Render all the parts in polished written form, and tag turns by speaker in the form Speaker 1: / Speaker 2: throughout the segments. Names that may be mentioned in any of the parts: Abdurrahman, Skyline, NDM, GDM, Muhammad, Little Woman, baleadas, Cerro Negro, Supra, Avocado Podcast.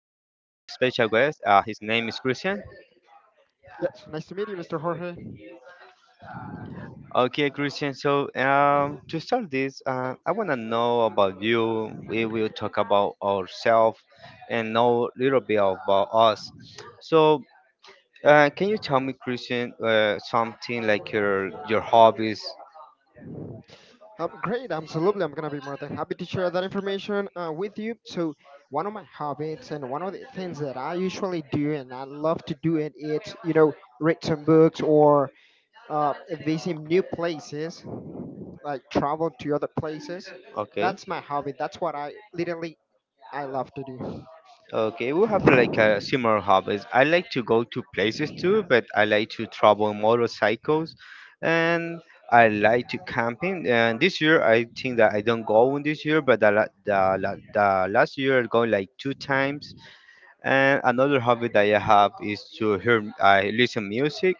Speaker 1: special guest. His name is Christian.
Speaker 2: Yes, nice to meet you, Mr. Jorge.
Speaker 1: Okay, Christian. So to start this, I want to know about you. We will talk about ourselves and know a little bit about us. So can you tell me, Christian, something like your hobbies?
Speaker 2: Great, absolutely. I'm gonna be more than happy to share that information with you. So, one of my habits and one of the things that I usually do and I love to do it. Read some books or uh, visit new places, like travel to other places.
Speaker 1: Okay.
Speaker 2: That's my hobby. That's what I literally I love to do.
Speaker 1: Okay, we have like a similar hobbies. I like to go to places too, but I like to travel on motorcycles, and I like to camping. And this year, I think that I don't go on this year, but the last year I go like two times. And another hobby that I have is to hear I listen music.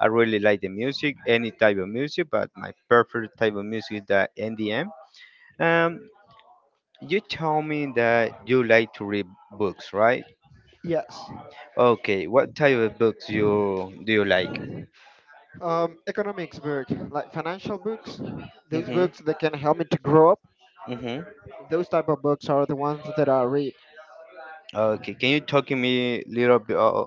Speaker 1: I really like the music, any type of music, but my preferred type of music is the NDM. Um, you told me that you like to read books, right?
Speaker 2: Yes,
Speaker 1: Okay, what type of books you do you like?
Speaker 2: economics book, like financial books, those
Speaker 1: Hmm.
Speaker 2: books that can help me to grow up.
Speaker 1: Hmm.
Speaker 2: Those type of books are the ones that I read.
Speaker 1: Okay, can you talk to me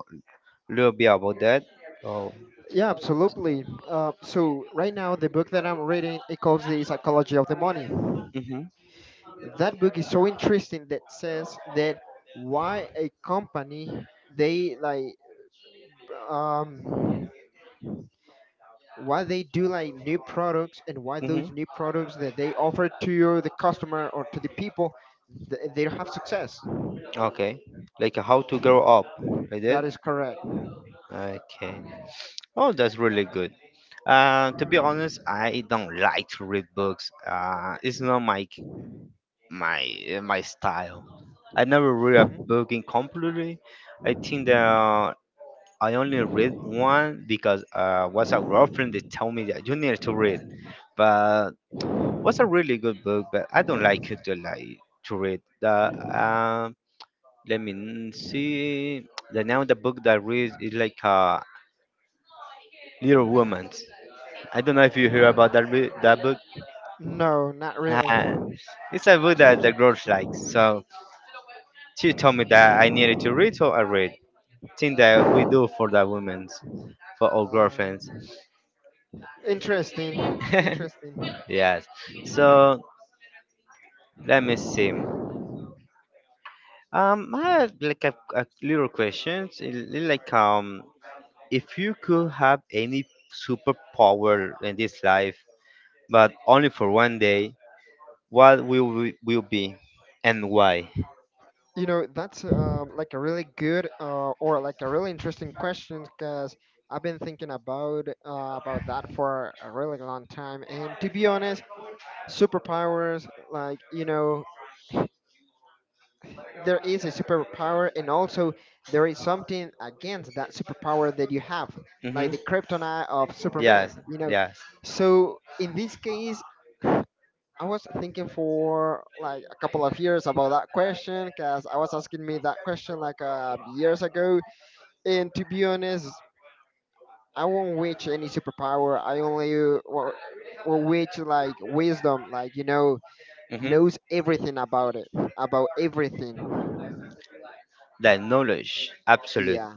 Speaker 1: little bit about that? Oh,
Speaker 2: Yeah, absolutely. So right now, the book that I'm reading it calls the psychology of the money.
Speaker 1: hmm,
Speaker 2: That book is so interesting that says that why a company they like um why they do like new products and why
Speaker 1: hmm,
Speaker 2: those new products that they offer to your, the customer or to the people they have success.
Speaker 1: okay, like how to grow up, like
Speaker 2: That is
Speaker 1: that.
Speaker 2: correct.
Speaker 1: Okay. Oh, that's really good. To be honest, I don't like to read books. It's not my my style. I never read a
Speaker 2: Mhm.
Speaker 1: book in completely. I think that I only read one because was a girlfriend that told me that you need to read. But was a really good book, but I don't like it to like to read. The um, let me see. The name of the book that I read is like Little Woman. I don't know if you hear about that book.
Speaker 2: No, not really.
Speaker 1: Uh, it's a book that the girls like. So she told me that I needed to read, so I read. Thing that we
Speaker 2: Uh,
Speaker 1: do for the women, for our girlfriends.
Speaker 2: uh, Interesting. Interesting.
Speaker 1: Yes. So let me see. I have like a little question. Like, if you could have any superpower in this life, but only for one day, will be, and why?
Speaker 2: You know, that's like a really good or like a really interesting question because I've been thinking about that for a really long time. And to be honest, superpowers, like you know, there is a superpower, and also there is something against that superpower that you have,
Speaker 1: Mm-hmm.
Speaker 2: like the kryptonite of Superman.
Speaker 1: Yes,
Speaker 2: You know,
Speaker 1: yes.
Speaker 2: so in this case, I was thinking for like a couple of years about that question because I was asking me that question like years ago. And to be honest, I won't reach any superpower. I only will reach like wisdom, like you know,
Speaker 1: Mm-hmm.
Speaker 2: knows everything about it, about everything.
Speaker 1: That knowledge, absolute.
Speaker 2: Yeah,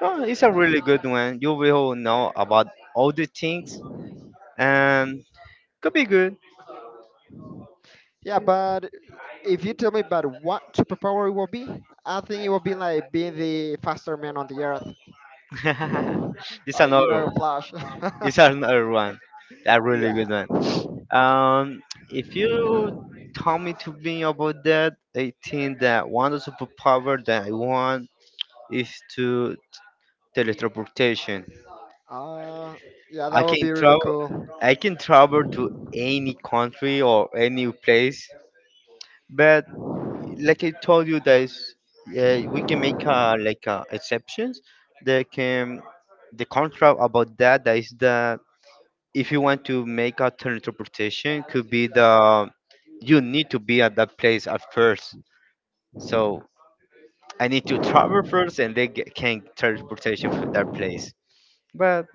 Speaker 1: Oh, it's a really good one. You will know about all the things, and could be good.
Speaker 2: yeah. But if you tell me about what superpower it will be, I think it will be like being the faster man on the earth,
Speaker 1: It's
Speaker 2: like you
Speaker 1: another
Speaker 2: know, Flash.
Speaker 1: it's another one. A really
Speaker 2: Yeah.
Speaker 1: good one. Um if you tell me to be about that, I think that one of the superpower that I want is to teletransportation.
Speaker 2: Uh, yeah, that
Speaker 1: I
Speaker 2: would be
Speaker 1: can
Speaker 2: really
Speaker 1: travel
Speaker 2: cool.
Speaker 1: I can travel to any country or any place, but like I told you guys, we can make like exceptions that can the contract about that that is the if you want to make a third interpretation, could be the you need to be at that place at first. So I need to travel first, and they get, can transportation for that place. But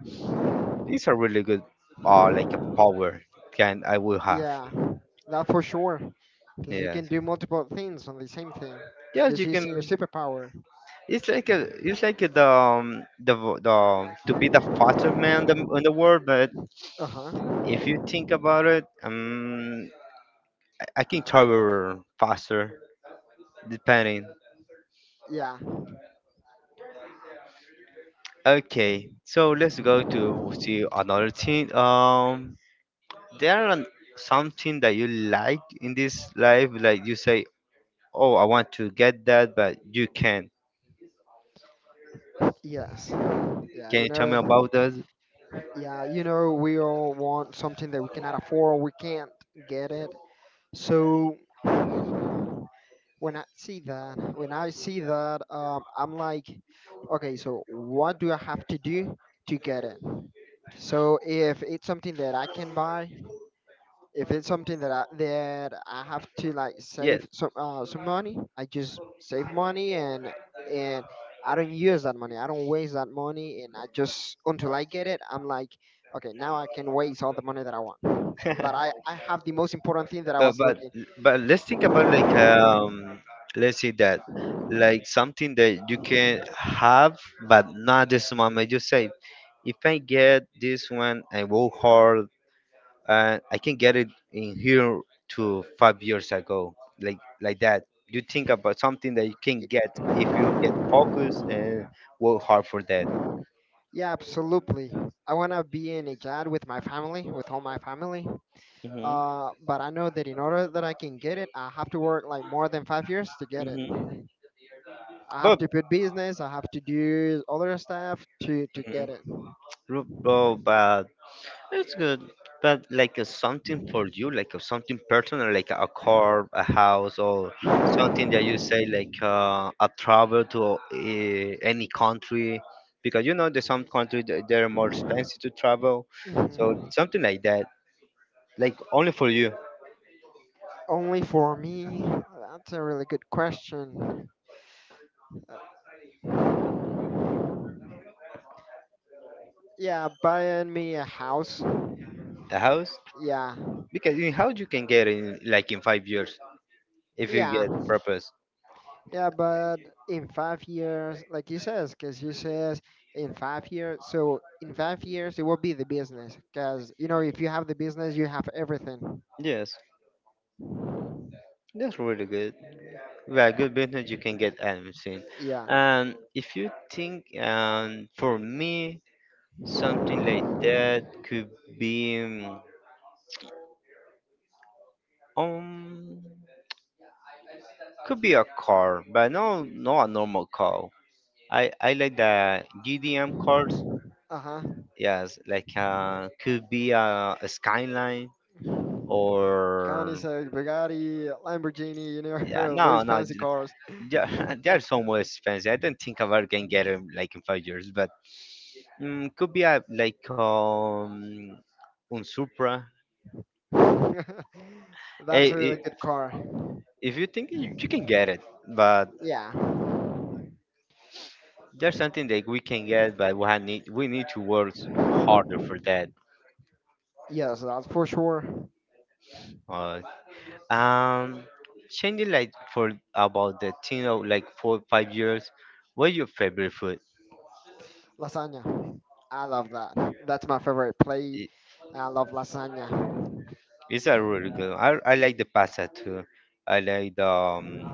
Speaker 1: it's a really good, like a power can I will have.
Speaker 2: Yeah, that for sure. Because you
Speaker 1: Yes,
Speaker 2: can do multiple things on the same thing,
Speaker 1: yes,
Speaker 2: just
Speaker 1: you can.
Speaker 2: using your superpower.
Speaker 1: It's like a, the to be the fastest man in the world. But
Speaker 2: Uh huh.
Speaker 1: if you think about it, I can travel faster depending.
Speaker 2: Yeah.
Speaker 1: Okay, so let's go to see another thing. There are something that you like in this life, like you say, "Oh, I want to get that," but you can't.
Speaker 2: Yes. Yeah.
Speaker 1: Can
Speaker 2: You
Speaker 1: you tell me
Speaker 2: know.
Speaker 1: about that?
Speaker 2: Yeah. You know. We all want something that we cannot afford. We can't get it. So when I see that, I'm like, okay. So what do I have to do to get it? So if it's something that I can buy. If it's something that I have to like
Speaker 1: Yes.
Speaker 2: save some money, I just save money and and I don't use that money. I don't waste that money, and I just until I get it, I'm like, okay, now I can waste all the money that I want. But I I have the most important thing that I
Speaker 1: Uh,
Speaker 2: was
Speaker 1: but
Speaker 2: looking.
Speaker 1: but let's think about
Speaker 2: Y-
Speaker 1: like let's say that like something that you can have but not this moment you say if I get this one I work hard and I can get it in here to five years ago, like that. You think about something that you can get if you get focused and work hard for that.
Speaker 2: Yeah, absolutely. I wanna be in a job with my family, with all my family.
Speaker 1: Mhm.
Speaker 2: But I know that in order that I can get it, I have to work like more than 5 years to get it.
Speaker 1: Mhm.
Speaker 2: I have
Speaker 1: But,
Speaker 2: to put business. I have to do other stuff to
Speaker 1: mhm,
Speaker 2: get it.
Speaker 1: but it's good, but like something for you, like something personal, like a car, a house, or something that you say like a travel to any country, because you know there's some countries that they're more expensive to travel, so
Speaker 2: Mhm.
Speaker 1: something like that, like only for you,
Speaker 2: Only for me. That's a really good question. Uh, yeah, buying me a house.
Speaker 1: a house,
Speaker 2: Yeah,
Speaker 1: because in house you can get in like in five years if you
Speaker 2: yeah,
Speaker 1: get purpose.
Speaker 2: yeah. But in 5 years, like you says, because you says in 5 years. So in 5 years, it will be the business. Because you know, if you have the business, you have everything.
Speaker 1: Yes, that's really good. Well, good business you can get animals in.
Speaker 2: Yeah.
Speaker 1: And if you think, for me, something like that be um, um, could be a car, but no, not a normal car. I like the GDM cars.
Speaker 2: Uh huh.
Speaker 1: Yes, like could be a Skyline
Speaker 2: Connie
Speaker 1: or
Speaker 2: said Bugatti, Lamborghini. You
Speaker 1: yeah,
Speaker 2: know,
Speaker 1: no,
Speaker 2: those
Speaker 1: no,
Speaker 2: fancy
Speaker 1: j-
Speaker 2: cars.
Speaker 1: yeah, they are so more expensive. I don't think I ever can get them like in five years, but mm, could be a like un Supra.
Speaker 2: That's
Speaker 1: Eh,
Speaker 2: a really
Speaker 1: I-
Speaker 2: good car.
Speaker 1: if you think you can get it, but
Speaker 2: Yeah.
Speaker 1: there's something that we can get, but we need to work harder for that.
Speaker 2: Yes, that's for sure.
Speaker 1: Uh, um, changing like for about the thing of like four five years. What's your favorite food?
Speaker 2: Lasagna. I love that. That's my favorite plate. I love lasagna.
Speaker 1: It's a really good one. I like the pasta too. I like the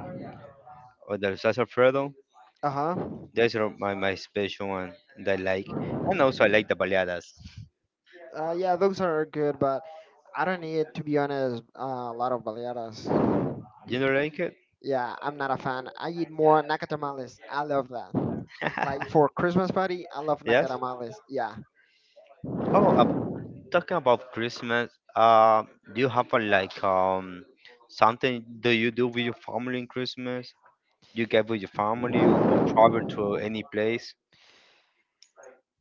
Speaker 1: or the salsa alfredo.
Speaker 2: Uh-huh.
Speaker 1: My, my special one that I like. And also I like the baleadas.
Speaker 2: Yeah, those are good, but I don't eat to be honest a lot of baleadas.
Speaker 1: You know like it?
Speaker 2: Yeah, I'm not a fan. I eat more nakatamales. I love that. Like for Christmas party, I love
Speaker 1: Yes.
Speaker 2: nakatamales. Yeah.
Speaker 1: Oh, ab- talking about Christmas. Do you have a, like something do you do with your family in Christmas? You get with your family or travel to any place?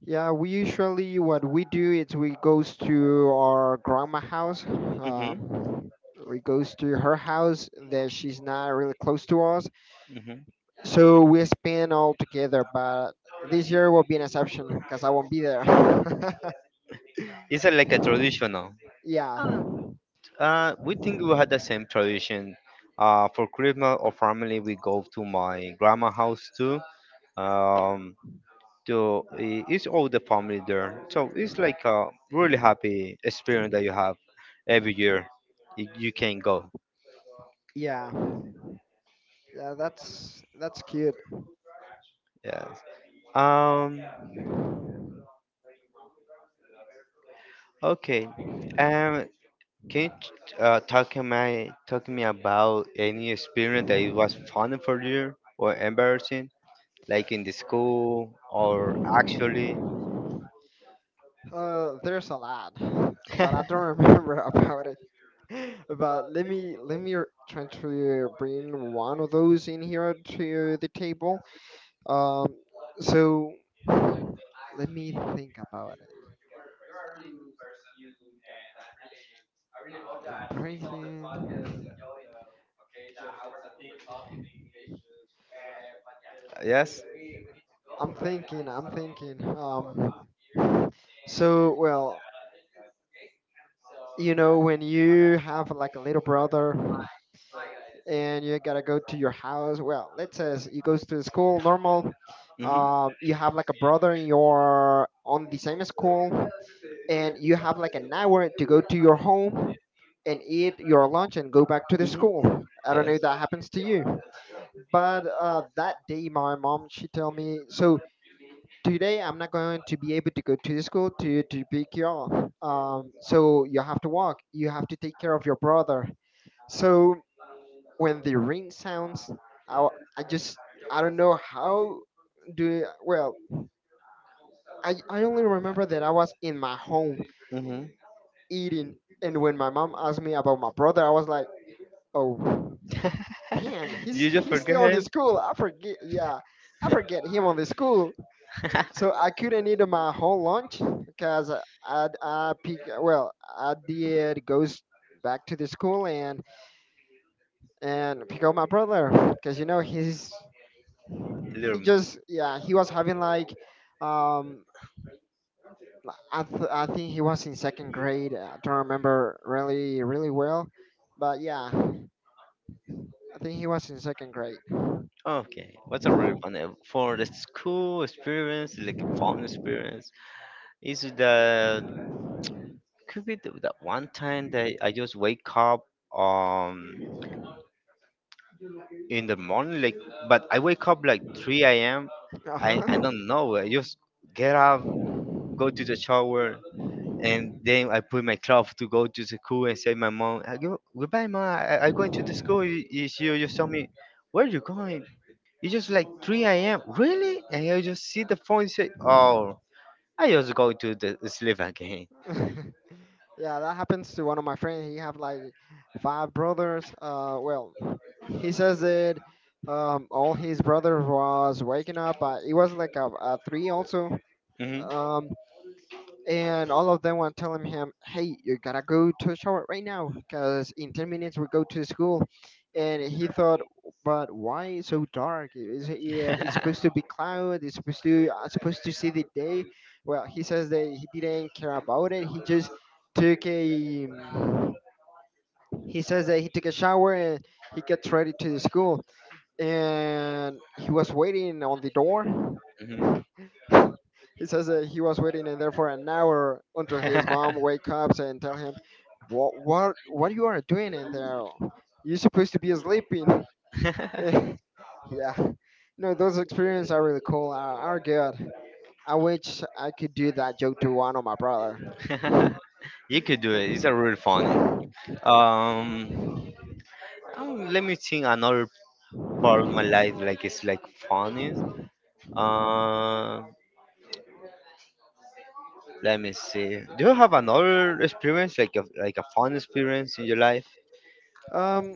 Speaker 2: Yeah, we usually what we do is we goes to our grandma house.
Speaker 1: Mm-hmm.
Speaker 2: We goes to her house that she's not really close to us,
Speaker 1: Mm-hmm.
Speaker 2: so we spend all together. But this year will be an exception because I won't be there.
Speaker 1: Is it like a traditional?
Speaker 2: yeah,
Speaker 1: We think we had the same tradition. For Christmas or family, we go to my grandma house too. Um, to it's all the family there, so it's like a really happy experience that you have every year. You can go.
Speaker 2: yeah, yeah That's cute.
Speaker 1: Yes. Um. Okay. Um. Can you talk to me about any experience that it was fun for you or embarrassing, like in the school or actually?
Speaker 2: There's a lot, but I don't remember about it. But let me try to bring one of those in here to the table. Um, so Let me think about it. Embracing.
Speaker 1: Yes.
Speaker 2: I'm thinking. I'm thinking. Well, you know, when you have like a little brother and you gotta go to your house. Well, let's say he goes to school normal.
Speaker 1: Mm-hmm.
Speaker 2: You have like a brother in your on the same school, and you have like an hour to go to your home and eat your lunch and go back to the
Speaker 1: Mm-hmm.
Speaker 2: school. I don't
Speaker 1: Yes.
Speaker 2: know if that happens to you. But that day my mom she told me so today I'm not going to be able to go to the school to pick you up, so you have to walk, you have to take care of your brother. So when the ring sounds, i, I just, I don't know how do well, I only remember that I was in my home
Speaker 1: Mm-hmm.
Speaker 2: eating, and when my mom asked me about my brother I was like, oh man,
Speaker 1: You just
Speaker 2: he's
Speaker 1: forget
Speaker 2: still in the
Speaker 1: him.
Speaker 2: school, I forget. Yeah, I forget him on the school. So I couldn't eat my whole lunch because I pick, well I did goes back to the school and pick up my brother because you know he's, he
Speaker 1: Little.
Speaker 2: just, yeah, he was having like um I I think he was in second grade, I don't remember really really well, but yeah I think he was in second grade.
Speaker 1: Okay, what's a really fun for the school experience, like a fun experience? Is the could be the, that one time that I just wake up um in the morning like but I wake up like 3 a.m.
Speaker 2: Uh
Speaker 1: I
Speaker 2: huh.
Speaker 1: don't know I just get up, go to the shower and then I put my clothes to go to the school and say my mom I go, goodbye mom I'm going to the school she just tell me where you going. It's just like 3 a.m. really and I just see the phone and say oh, I just go to the sleep again.
Speaker 2: Yeah, that happens to one of my friends. He have like five brothers. Well, he says that all his brothers was waking up, but it was like a three also.
Speaker 1: Hmm.
Speaker 2: Um, and all of them were telling him, "Hey, you gotta go to the shower right now, because in 10 minutes we go to school." And he thought, "But why it's so dark? Is it, if it's supposed to be cloud, it's supposed to I'm supposed to see the day." Well, he says that he didn't care about it. He just took a he says that he took a shower and he gets ready to the school and he was waiting on the door,
Speaker 1: Hmm.
Speaker 2: he says that he was waiting in there for an hour until his mom wake up and tell him, what you are doing in there? You're supposed to be sleeping." Yeah, no, those experiences are really cool. Are good. I wish I could do that joke to one of my brother.
Speaker 1: You could do it it's a really funny. Um, let me think another part of my life like it's like funny. Uh, let me see. Do you have another experience like a fun experience in your life?
Speaker 2: Um,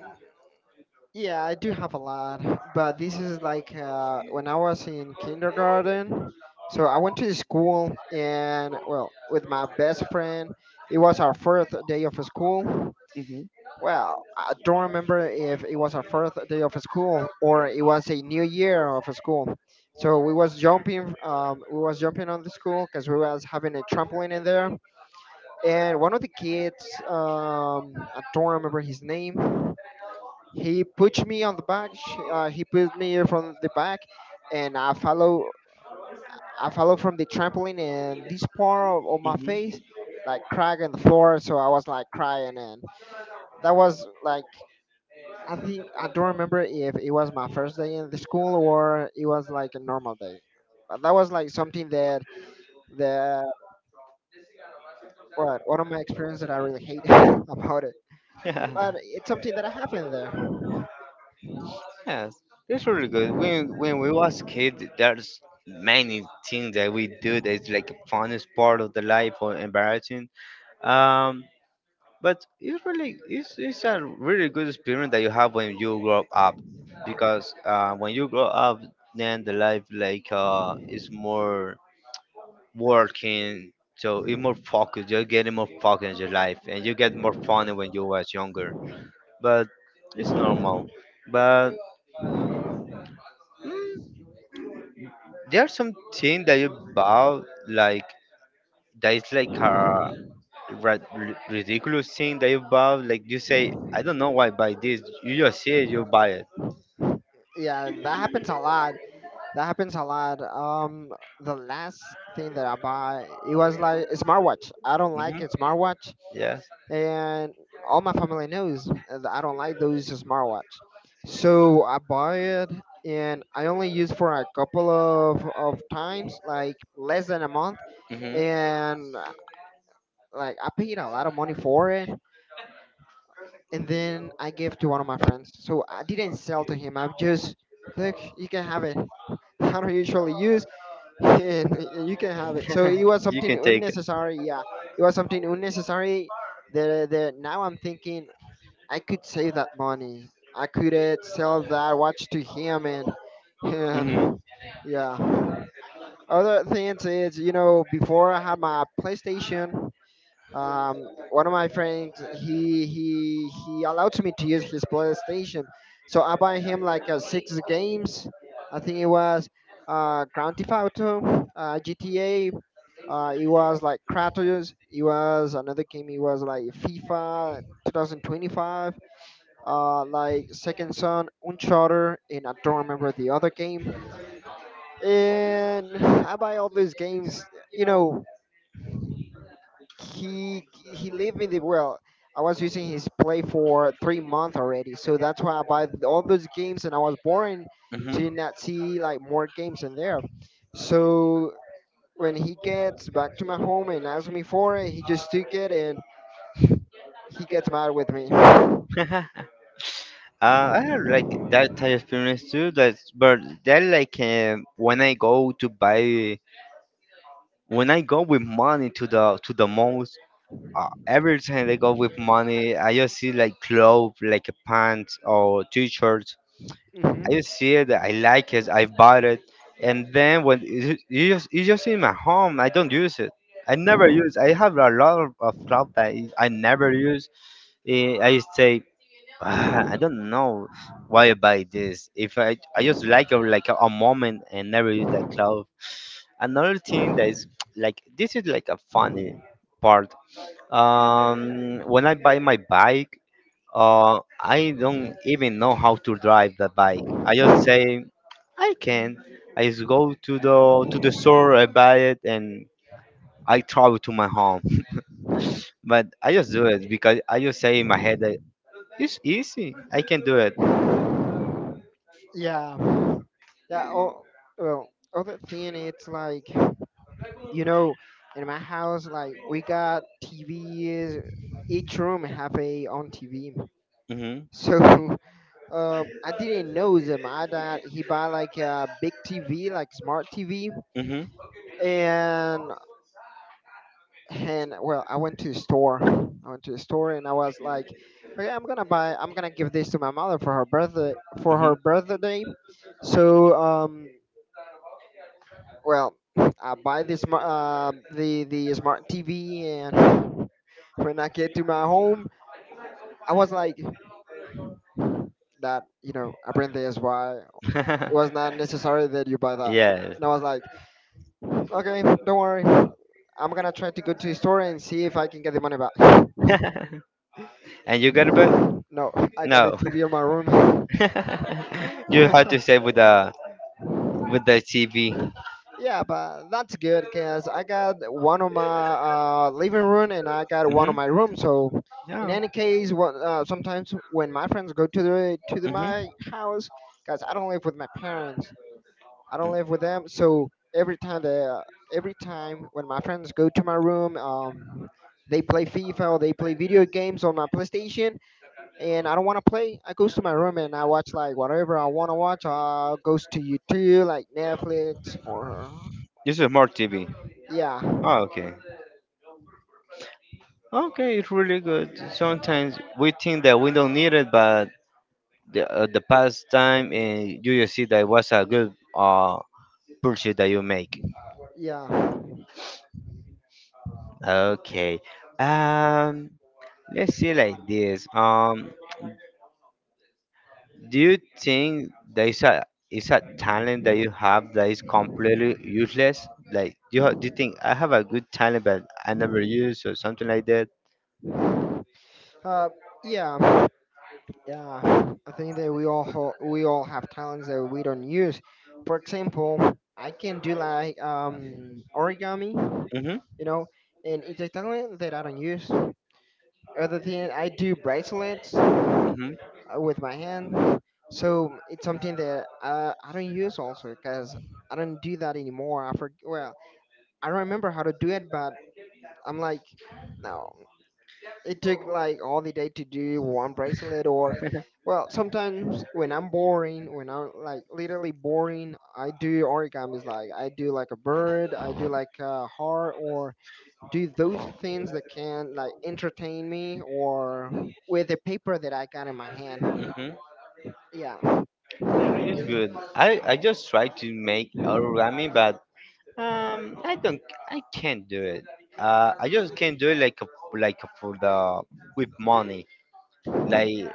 Speaker 2: Yeah, I do have a lot, but this is like when I was in kindergarten. So I went to the school, and well, with my best friend, it was our fourth day of school.
Speaker 1: Hmm.
Speaker 2: Well, I don't remember if it was our fourth day of school or it was a new year of school. So we was jumping on the school because we was having a trampoline in there, and one of the kids, I don't remember his name, he pushed me on the back. He pushed me from the back, and I follow. I follow from the trampoline, and this part of my face like crack in the floor, so I was like crying, and that was like, I think I don't remember if it was my first day in the school or it was like a normal day. But that was like something that that what one of my experiences that I really hate about it.
Speaker 1: Yeah.
Speaker 2: But it's something that happened there.
Speaker 1: Yes, it's really good. When we was kid, there's many things that we do that's like a funnest part of the life or embarrassing. Um, But it's really it's a really good experience that you have when you grow up, because when you grow up, then the life like is more working, so it's more focused. You're getting more focused in your life, and you get more fun when you was younger. But it's normal. But there are some things that you bought like that is like a ridiculous thing that you bought. Like you say, I don't know why I buy this. You just see it, you buy
Speaker 2: Yeah, that happens a lot. That happens a lot. The last thing that I
Speaker 1: it.
Speaker 2: buy, it was like a smartwatch. I don't like
Speaker 1: Hmm.
Speaker 2: a smartwatch,
Speaker 1: Yes.
Speaker 2: and all my family knows that I don't like those smartwatch. So I buy it, and I only use for a couple of times, like less than a month,
Speaker 1: Hmm.
Speaker 2: and like I paid a lot of money for it, and then I gave to one of my friends. So I didn't sell to him. I just look, you can have it. I don't usually use and you can have it. So it was
Speaker 1: You
Speaker 2: something
Speaker 1: can take it.
Speaker 2: unnecessary. Yeah, it was something unnecessary. That now I'm thinking I could save that money. I could sell that watch to him and
Speaker 1: Hmm.
Speaker 2: and yeah. Other things is before I had my PlayStation. One of my friends, he allowed me to use his playstation, so I buy him like six games. I think it was Grand Theft Auto, GTA, it was like Kratos. It was another game, it was like FIFA 2025, like Second Son, Uncharted, and I don't remember the other game. And I buy all these games. you know he lived in the well. I was using his play for 3 months already, so that's why I buy all those games, and I was boring to not see like more games in there. So when he gets back to my home and asks me for it, he just took it and he gets mad with me. Hmm.
Speaker 1: Hmm. I have like that type of experience too. That's but that like when I go to buy when I go with money to the malls. Every time I go with money, I just see like clothes, like a pants or t-shirts. I just see it, I like it, I bought it, and then when it just it's just in my home, I don't use it. I never use. I have a lot of clothes that I never use. Eh, I stay, ah, I don't know why I buy this. If I just like a moment and never use that cloth. Another thing that is like this is like a funny part. When I buy my bike, I don't even know how to drive the bike. I just say I can. I just go to the store, I buy it, and I travel to my home. But I just do it because I just say in my head that it's easy. I can do it.
Speaker 2: Yeah, yeah. Oh, well, other thing, it's like you know, in my house, like we got TVs. Each room have a own TV.
Speaker 1: Mm-hmm.
Speaker 2: So I didn't know that my dad he buy like a big TV, like smart TV,
Speaker 1: Mm-hmm.
Speaker 2: and well, I went to the store. I went to the store and I was like, okay, I'm gonna buy. I'm gonna give this to my mother for her birthday for her birthday. So well, I buy this the smart TV, and when I get to my home, I was like that. You know, I bring this. Why it was not necessary that you buy that.
Speaker 1: Yes.
Speaker 2: And I was like, okay, don't worry. I'm gonna try to go to the store and see if I can get the money back.
Speaker 1: And you got a bet?
Speaker 2: No, I got the
Speaker 1: No.
Speaker 2: TV in my room.
Speaker 1: You have to say with the CV.
Speaker 2: yeah, but that's good because I got one on my living room and I got one
Speaker 1: Hmm.
Speaker 2: on my room. So, in
Speaker 1: Yeah.
Speaker 2: any case, what, sometimes when my friends go
Speaker 1: Hmm.
Speaker 2: my house, because I don't live with my parents, I don't live with them. So every time when my friends go to my room, they play FIFA or they play video games on my PlayStation, and I don't want to play. I goes to my room and I watch like whatever I want to watch. Goes to YouTube like Netflix or
Speaker 1: This is smart TV.
Speaker 2: yeah,
Speaker 1: Oh, okay. Okay, it's really good. Sometimes we think that we don't need it, but the past time, and you just see that it was a good pursuit that you make?
Speaker 2: yeah,
Speaker 1: Okay. Um, let's see like this. Do you think there is a talent that you have that is completely useless? Like, do you, do you think I have a good talent but I never use or something like that?
Speaker 2: uh, yeah, yeah. I think that we all have talents that we don't use. For example, I can do like origami.
Speaker 1: Mm-hmm.
Speaker 2: you know, and it's a talent that I don't use. Other thing, I do bracelets
Speaker 1: Mm-hmm.
Speaker 2: with my hands, so it's something that I don't use also because I don't do that anymore. I remember how to do it, but I'm like, no, it took like all the day to do one bracelet or. Well, sometimes when I'm boring, when I'm like literally boring, I do origamis. Like I do like a bird, I do like a heart, or do those things that can like entertain me or with the paper that I got in my hand.
Speaker 1: Mm-hmm.
Speaker 2: Yeah.
Speaker 1: It's good. I just try to make origami, but I don't, I can't do it. I just can't do it like a, like for the with money. Like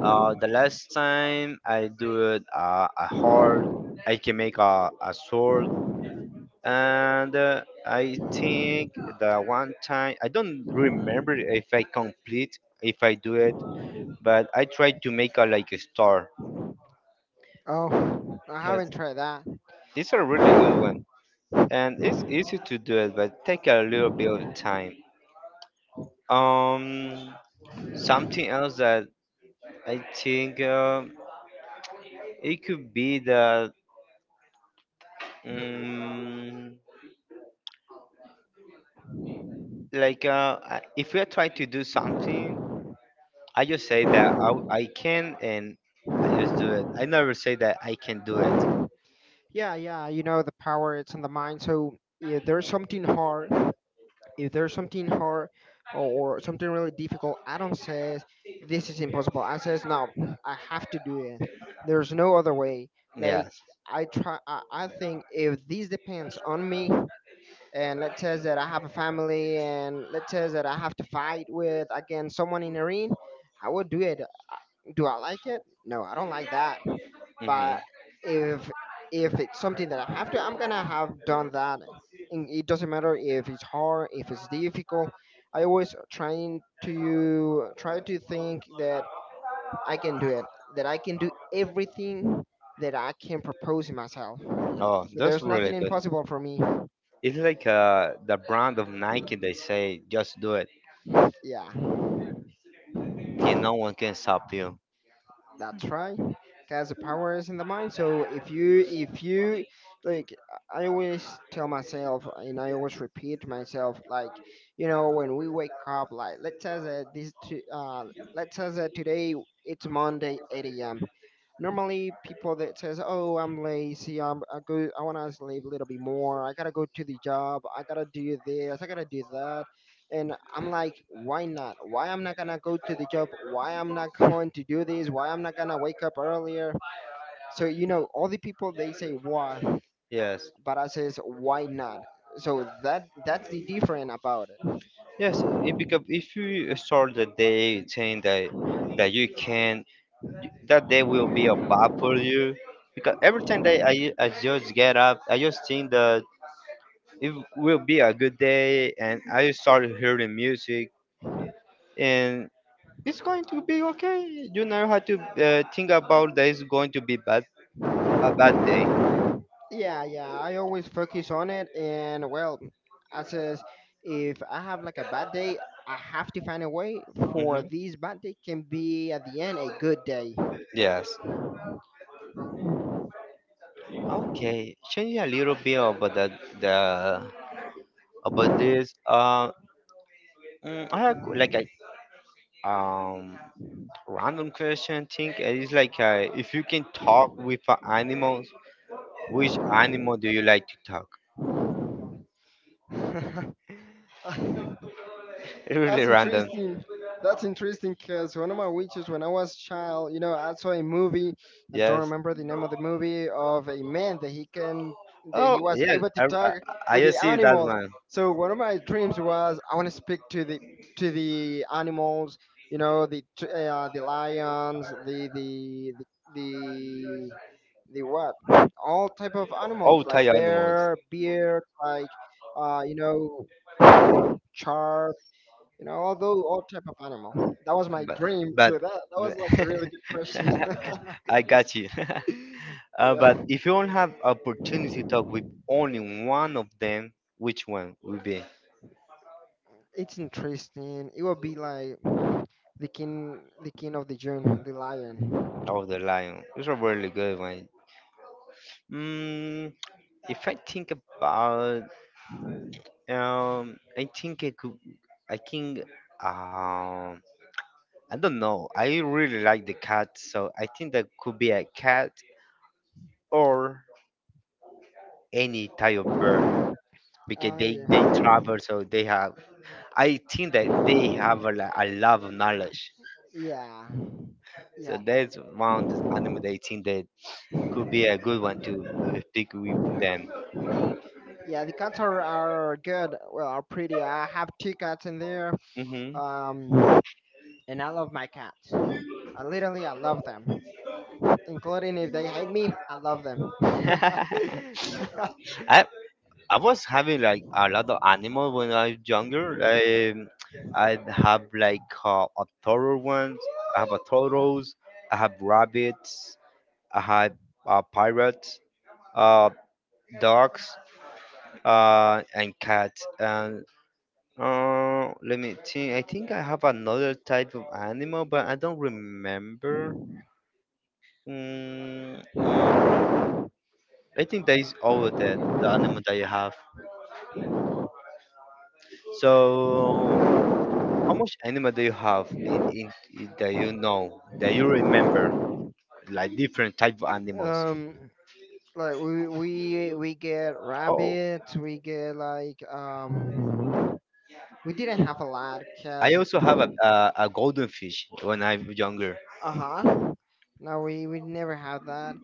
Speaker 1: The last time I do it, a hard, I can make a sword, and I think the one time I don't remember if I complete if I do it, but I tried to make a like a star.
Speaker 2: Oh, I
Speaker 1: Yes,
Speaker 2: haven't tried that.
Speaker 1: it's a really good one, and it's easy to do it, but take a little bit of time. Um, Something else that I think it could be that. Um, like if we are trying to do something, I just say that I can, and I just do it. I never say that I can do it.
Speaker 2: Yeah, yeah. You know the power it's in the mind. So if there's something hard or something really difficult, I don't say this is impossible. I says no, I have to do it. There's no other way. Like
Speaker 1: Yes.
Speaker 2: I try. I think if this depends on me, and let's say that I have a family, and let's say that I have to fight with again someone in a ring, I would do it. Do I like it? No, I don't like that.
Speaker 1: Hmm.
Speaker 2: But if if it's something that I have to, I'm gonna have done that. And it doesn't matter if it's hard, if it's difficult. I always trying to try to think that I can do it, that I can do everything that I can propose in myself.
Speaker 1: Oh,
Speaker 2: So
Speaker 1: that's
Speaker 2: there's
Speaker 1: really
Speaker 2: nothing
Speaker 1: good.
Speaker 2: impossible for me.
Speaker 1: It's like the brand of Nike. They say just do it.
Speaker 2: Yeah.
Speaker 1: Okay, no one can stop you.
Speaker 2: That's right. Cause the power is in the mind. So if you, like, I always tell myself and I always repeat to myself, like, when we wake up, like, let's say that today it's Monday 8 a.m. Normally people that says, oh, I'm lazy, I'm I go I want to sleep a little bit more, I gotta go to the job, I gotta do this, I gotta do that. And I'm like, why not? Why I'm not gonna go to the job? Why I'm not going to do this? Why I'm not gonna wake up earlier? So all the people they say why,
Speaker 1: Yes.
Speaker 2: but I says why not. So that's the different about it.
Speaker 1: Yes, it, because if you start the day saying that that you can, that day will be a bad for you. Because every time that I just get up, I just think that it will be a good day, and I started hearing music, and it's going to be okay. You never have to think about that it's going to be bad, a bad day.
Speaker 2: Yeah, yeah, I always focus on it, and well, I says if I have like a bad day, I have to find a way for
Speaker 1: Mhm.
Speaker 2: this bad day can be at the end a good day.
Speaker 1: Yes. Okay. Changing a little bit about the about this. I have like a um random question. Think it's like if you can talk with an animal, which animal do you like to talk? Really
Speaker 2: That's
Speaker 1: random.
Speaker 2: interesting. That's interesting because one of my wishes when I was child, I saw a movie. I don't
Speaker 1: Yes.
Speaker 2: remember the name of the movie of a man that he can that
Speaker 1: Oh,
Speaker 2: he was
Speaker 1: yeah.
Speaker 2: able to talk
Speaker 1: I
Speaker 2: with the
Speaker 1: just see that
Speaker 2: animals.
Speaker 1: one.
Speaker 2: So one of my dreams was, I want to speak to the animals. You know, the lions, the the what all type of
Speaker 1: Oh,
Speaker 2: animals,
Speaker 1: tie
Speaker 2: like
Speaker 1: animals.
Speaker 2: bear, like shark. Although all type of animal. That was my
Speaker 1: But,
Speaker 2: dream. So
Speaker 1: but,
Speaker 2: that was
Speaker 1: but
Speaker 2: like a really good question.
Speaker 1: I got you.
Speaker 2: yeah,
Speaker 1: But if you don't have opportunity to talk with only one of them, which one would be?
Speaker 2: it's interesting. It would be like the king of the jungle, the lion.
Speaker 1: Of the lion. It's a really good one. Mm, if I think about, I think it could. I think, um, I don't know. I really like the cat, so I think that could be a cat or any type of bird because
Speaker 2: Ah,
Speaker 1: they
Speaker 2: yeah,
Speaker 1: they travel, so they have. I think that they have a, a lot of knowledge.
Speaker 2: yeah,
Speaker 1: So
Speaker 2: yeah,
Speaker 1: that's one of the animal that I think that could be a good one to pick with them.
Speaker 2: yeah. The cats are good. Well, are pretty. I have two cats in there.
Speaker 1: Hmm.
Speaker 2: Um, and I love my cats. I love them, including if they hate me. I love them.
Speaker 1: I I was having like a lot of animals when I was younger. I have like a turtle once. I have a turtles. I have rabbits. I have pirates, uh, dogs, and cats. And let me think. I think I have another type of animal, but I don't remember. Mm, I think that is all of that the animal that you have. So how much anime do you have in, that you know that you remember, like different type of animals?
Speaker 2: um, like we get
Speaker 1: Oh,
Speaker 2: rabbit, we get like we didn't have a lot
Speaker 1: I
Speaker 2: because
Speaker 1: also have a golden fish when I'm younger.
Speaker 2: uh-huh, no, we never had that,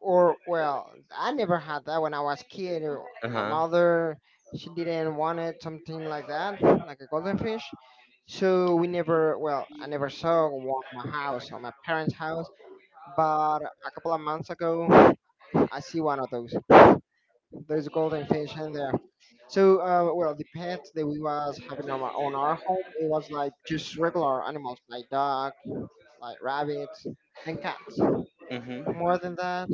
Speaker 2: or I never had that when I was kid, or
Speaker 1: Uh
Speaker 2: my
Speaker 1: huh.
Speaker 2: mother she didn't want it something like that, like a golden fish. So we never well I never saw one in my house or my parents house. But a couple of months ago I see one of those. There's a golden fish in there. So, well, the pets that we was having on on our home, it was like just regular animals like dog, like rabbits, and cats.
Speaker 1: Hmm.
Speaker 2: More than that,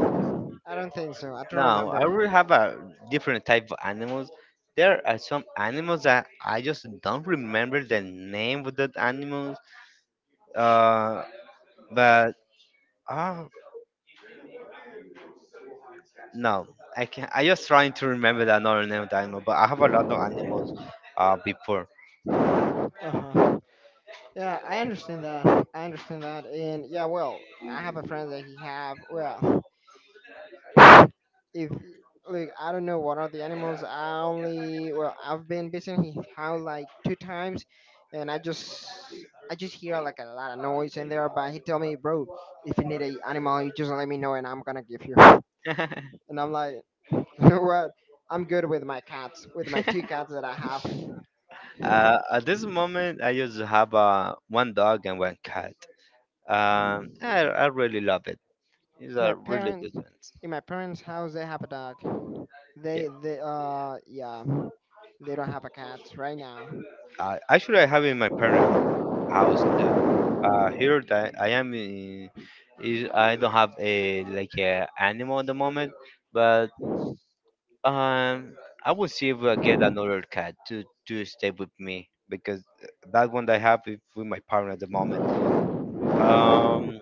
Speaker 2: I don't think so. I don't
Speaker 1: Now I
Speaker 2: remember.
Speaker 1: really have a different type of animals. There are some animals that I just don't remember the name of that animals. Uh, but uh, no, I can. I just trying to remember the another name of the animal, but I have a lot of animals. Before.
Speaker 2: Uh-huh. Yeah, I understand that. I understand that. And yeah, well, I have a friend that he have, well, if, like, I don't know what are the animals. I only well I've been visiting in his house like two times, and I just hear like a lot of noise in there. But he tell me, bro, if you need a animal, you just let me know, and I'm gonna give you.
Speaker 1: Uh,
Speaker 2: And I'm like, you know what? I'm good with my cats, with my two cats that I have.
Speaker 1: at this moment, I just have one dog and one cat. I really love it. These
Speaker 2: My
Speaker 1: are really
Speaker 2: parents,
Speaker 1: good. Ones.
Speaker 2: in my parents' house, they have a dog.
Speaker 1: Yeah.
Speaker 2: They Yeah, they don't have a cat right now.
Speaker 1: Actually, I have in my parents' house. Here that I am in, is I don't have a like a animal at the moment, but Um, I will see if I get another cat to stay with me because that one that I have is with my partner at the moment. Um,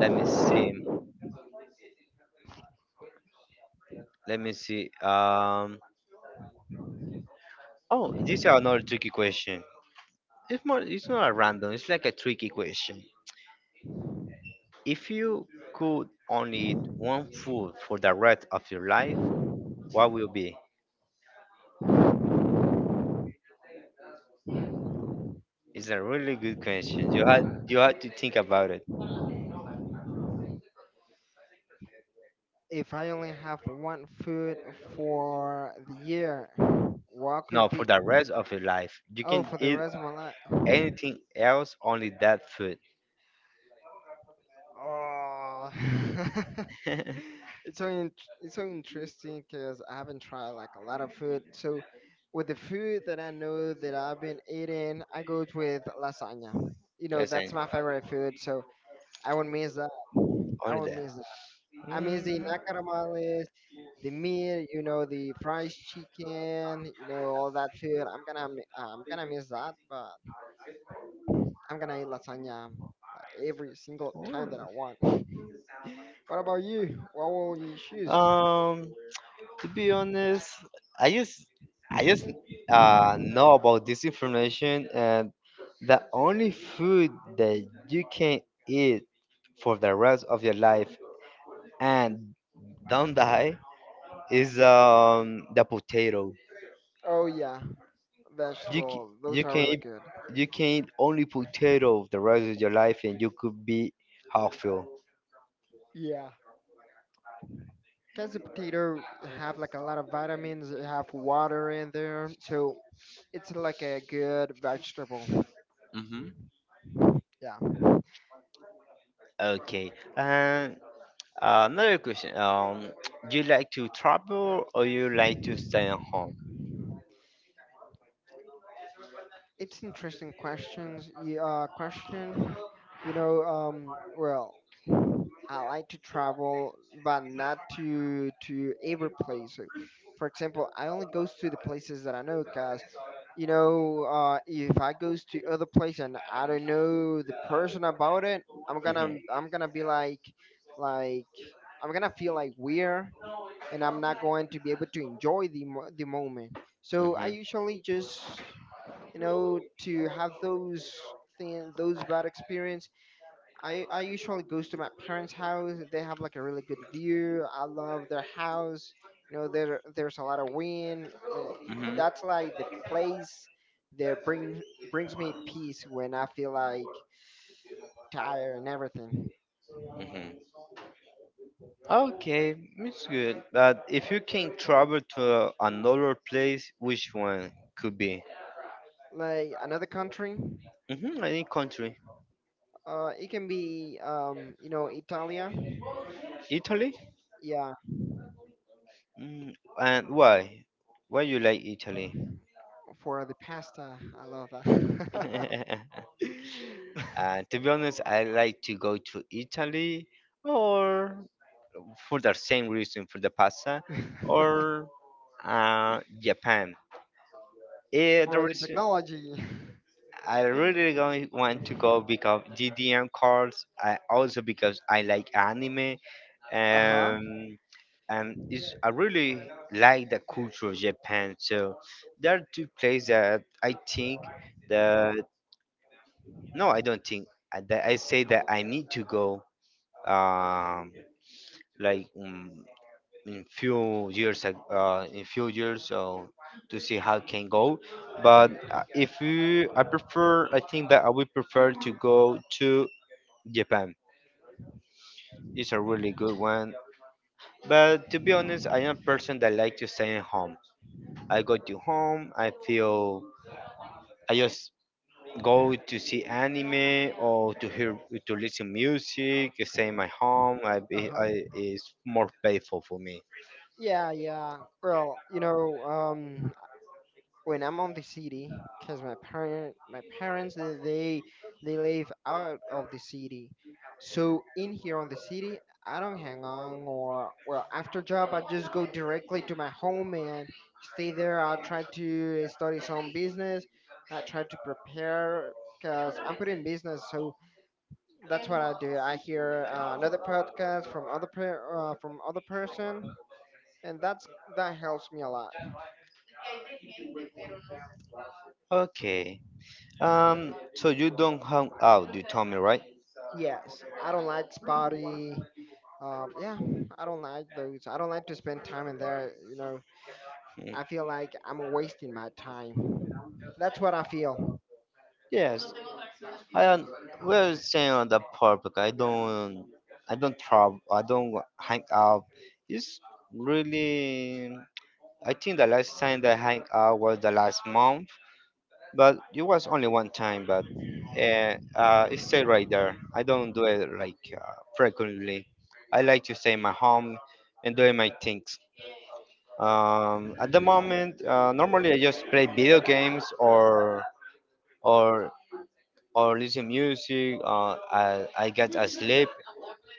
Speaker 1: Let me see. Let me see. Oh, this is another tricky question. It's more. It's not a random. It's like a tricky question. If you could only eat one food for the rest of your life, what will be? It's a really good question. You had to think about it.
Speaker 2: If I only have one food for the year, what
Speaker 1: No,
Speaker 2: could
Speaker 1: for
Speaker 2: be?
Speaker 1: the rest of your life, you
Speaker 2: Oh,
Speaker 1: can
Speaker 2: for the
Speaker 1: eat
Speaker 2: rest of my life.
Speaker 1: anything else, only that food.
Speaker 2: Oh,
Speaker 1: That's
Speaker 2: it's so in- it's so interesting because I haven't tried like a lot of food. So, with the food that I know that I've been eating, I go with lasagna. You know, that's
Speaker 1: it.
Speaker 2: my favorite food, so I won't miss that. I
Speaker 1: Only
Speaker 2: won't
Speaker 1: that.
Speaker 2: miss amazing
Speaker 1: Mm,
Speaker 2: nacarameles, the meat, the fried chicken, all that food. I'm gonna miss that, but I'm gonna eat lasagna every single time that I
Speaker 1: mm.
Speaker 2: want. What about you? What will you choose?
Speaker 1: Um, to be honest, I just I just know about this information, and the only food that you can eat for the rest of your life and don't die is the potato.
Speaker 2: Oh yeah,
Speaker 1: You c-
Speaker 2: vegetable.
Speaker 1: you
Speaker 2: Those are
Speaker 1: can
Speaker 2: really
Speaker 1: eat,
Speaker 2: good.
Speaker 1: you can eat only potato the rest of your life, and you could be healthy.
Speaker 2: Yeah. Because the potato have like a lot of vitamins, it have water in there, so it's like a good vegetable. Yeah.
Speaker 1: Okay. And another question. Do you like to travel or you like to stay at home?
Speaker 2: It's interesting questions. Question. You know, well, I like to travel, but not to every place. So, for example, I only goes to the places that I know, cause if I goes to other place and I don't know the person about it, I'm gonna be
Speaker 1: Hmm.
Speaker 2: like I'm gonna feel like weird, and I'm not going to be able to enjoy the moment. So I usually just to have those thing, those bad experience. I usually goes to my parents' house. They have like a really good view. I love their house. You know, there's a lot of wind. Like, that's like the place that brings me peace when I feel like tired and everything.
Speaker 1: Okay, it's good. But if you can travel to another place, which one could be?
Speaker 2: Like another country,
Speaker 1: Hmm, any country?
Speaker 2: it can be you know, Italia.
Speaker 1: Italy?
Speaker 2: Yeah,
Speaker 1: Mm, and why? Why you like Italy?
Speaker 2: for the pasta, I love that.
Speaker 1: And to be honest, I like to go to Italy or for the same reason for the pasta or Japan. Eh, the
Speaker 2: for the
Speaker 1: reason
Speaker 2: technology.
Speaker 1: I really going want to go because GDM cards. I also because I like anime.
Speaker 2: Uh huh.
Speaker 1: Um, and it's, I really like the culture of Japan. So there are two places that I think that no, I don't think that I say that I need to go. um, like in few years in few years so to see how it can go, but if you I prefer. I think that I would prefer to go to Japan. It's a really good one, but to be honest, I am a person that like to stay at home. I go to home, I feel, I just go to see anime or to hear, to listen music, stay in my home.
Speaker 2: Uh huh.
Speaker 1: I is more painful for me.
Speaker 2: Yeah, yeah. Well, you know, when I'm on the city, cause my parents, they live out of the city, so in here on the city, I don't hang on or well after job, I just go directly to my home and stay there. I try to study some business. I try to prepare, cause I'm putting business, so that's what I do. I hear another podcast from from other person, and that helps me a lot.
Speaker 1: Okay. So you don't hang out, you told me, right?
Speaker 2: Yes, I don't like spotty. Yeah, I don't like those. I don't like to spend time in there.
Speaker 1: Mm.
Speaker 2: I feel like I'm wasting my time. That's what I feel.
Speaker 1: Yes, I don't. We're saying on the public. I don't. I don't travel. I don't hang out. It's really. I think the last time that I hang out was the last month, but it was only one time. But it stayed right there. I don't do it like frequently. I like to stay in my home and doing my things. At the moment, normally I just play video games or or listen music. I get asleep.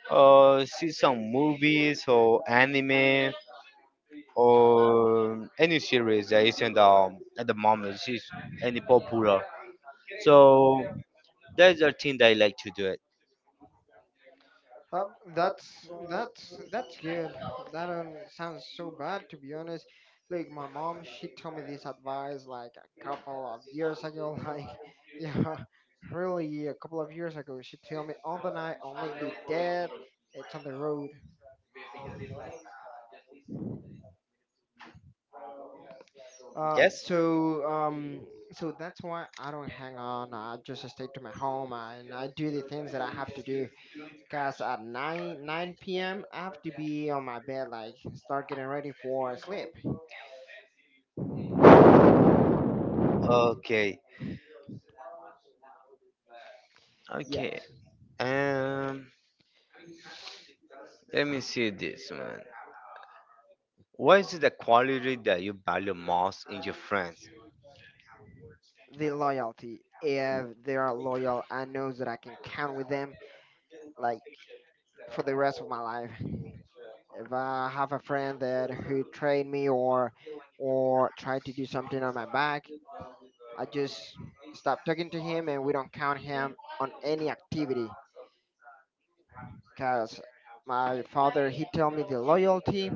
Speaker 1: See some movies or anime or any series that isn't at the moment is any popular. So that's the thing that I like to do it.
Speaker 2: Um, that's good. That don't sound so bad, to be honest. Like, my mom, she told me this advice like a couple of years ago. Like, yeah, really a couple of years ago. She told me on the night only the dead. It's on the road. Um,
Speaker 1: Yes.
Speaker 2: so um, so that's why I don't hang on. I just stay to my home and I do the things that I have to do. Cause at nine p.m. I have to be on my bed, like start getting ready for sleep.
Speaker 1: Okay. Okay.
Speaker 2: Yes,
Speaker 1: Um. Let me see this, man. What is the quality that you value most in your friends?
Speaker 2: the loyalty. If they are loyal, I know that I can count with them, like, for the rest of my life. If I have a friend that who trained me, or try to do something on my back, I just stop talking to him and we don't count him on any activity. Cause my father, he tell me the loyalty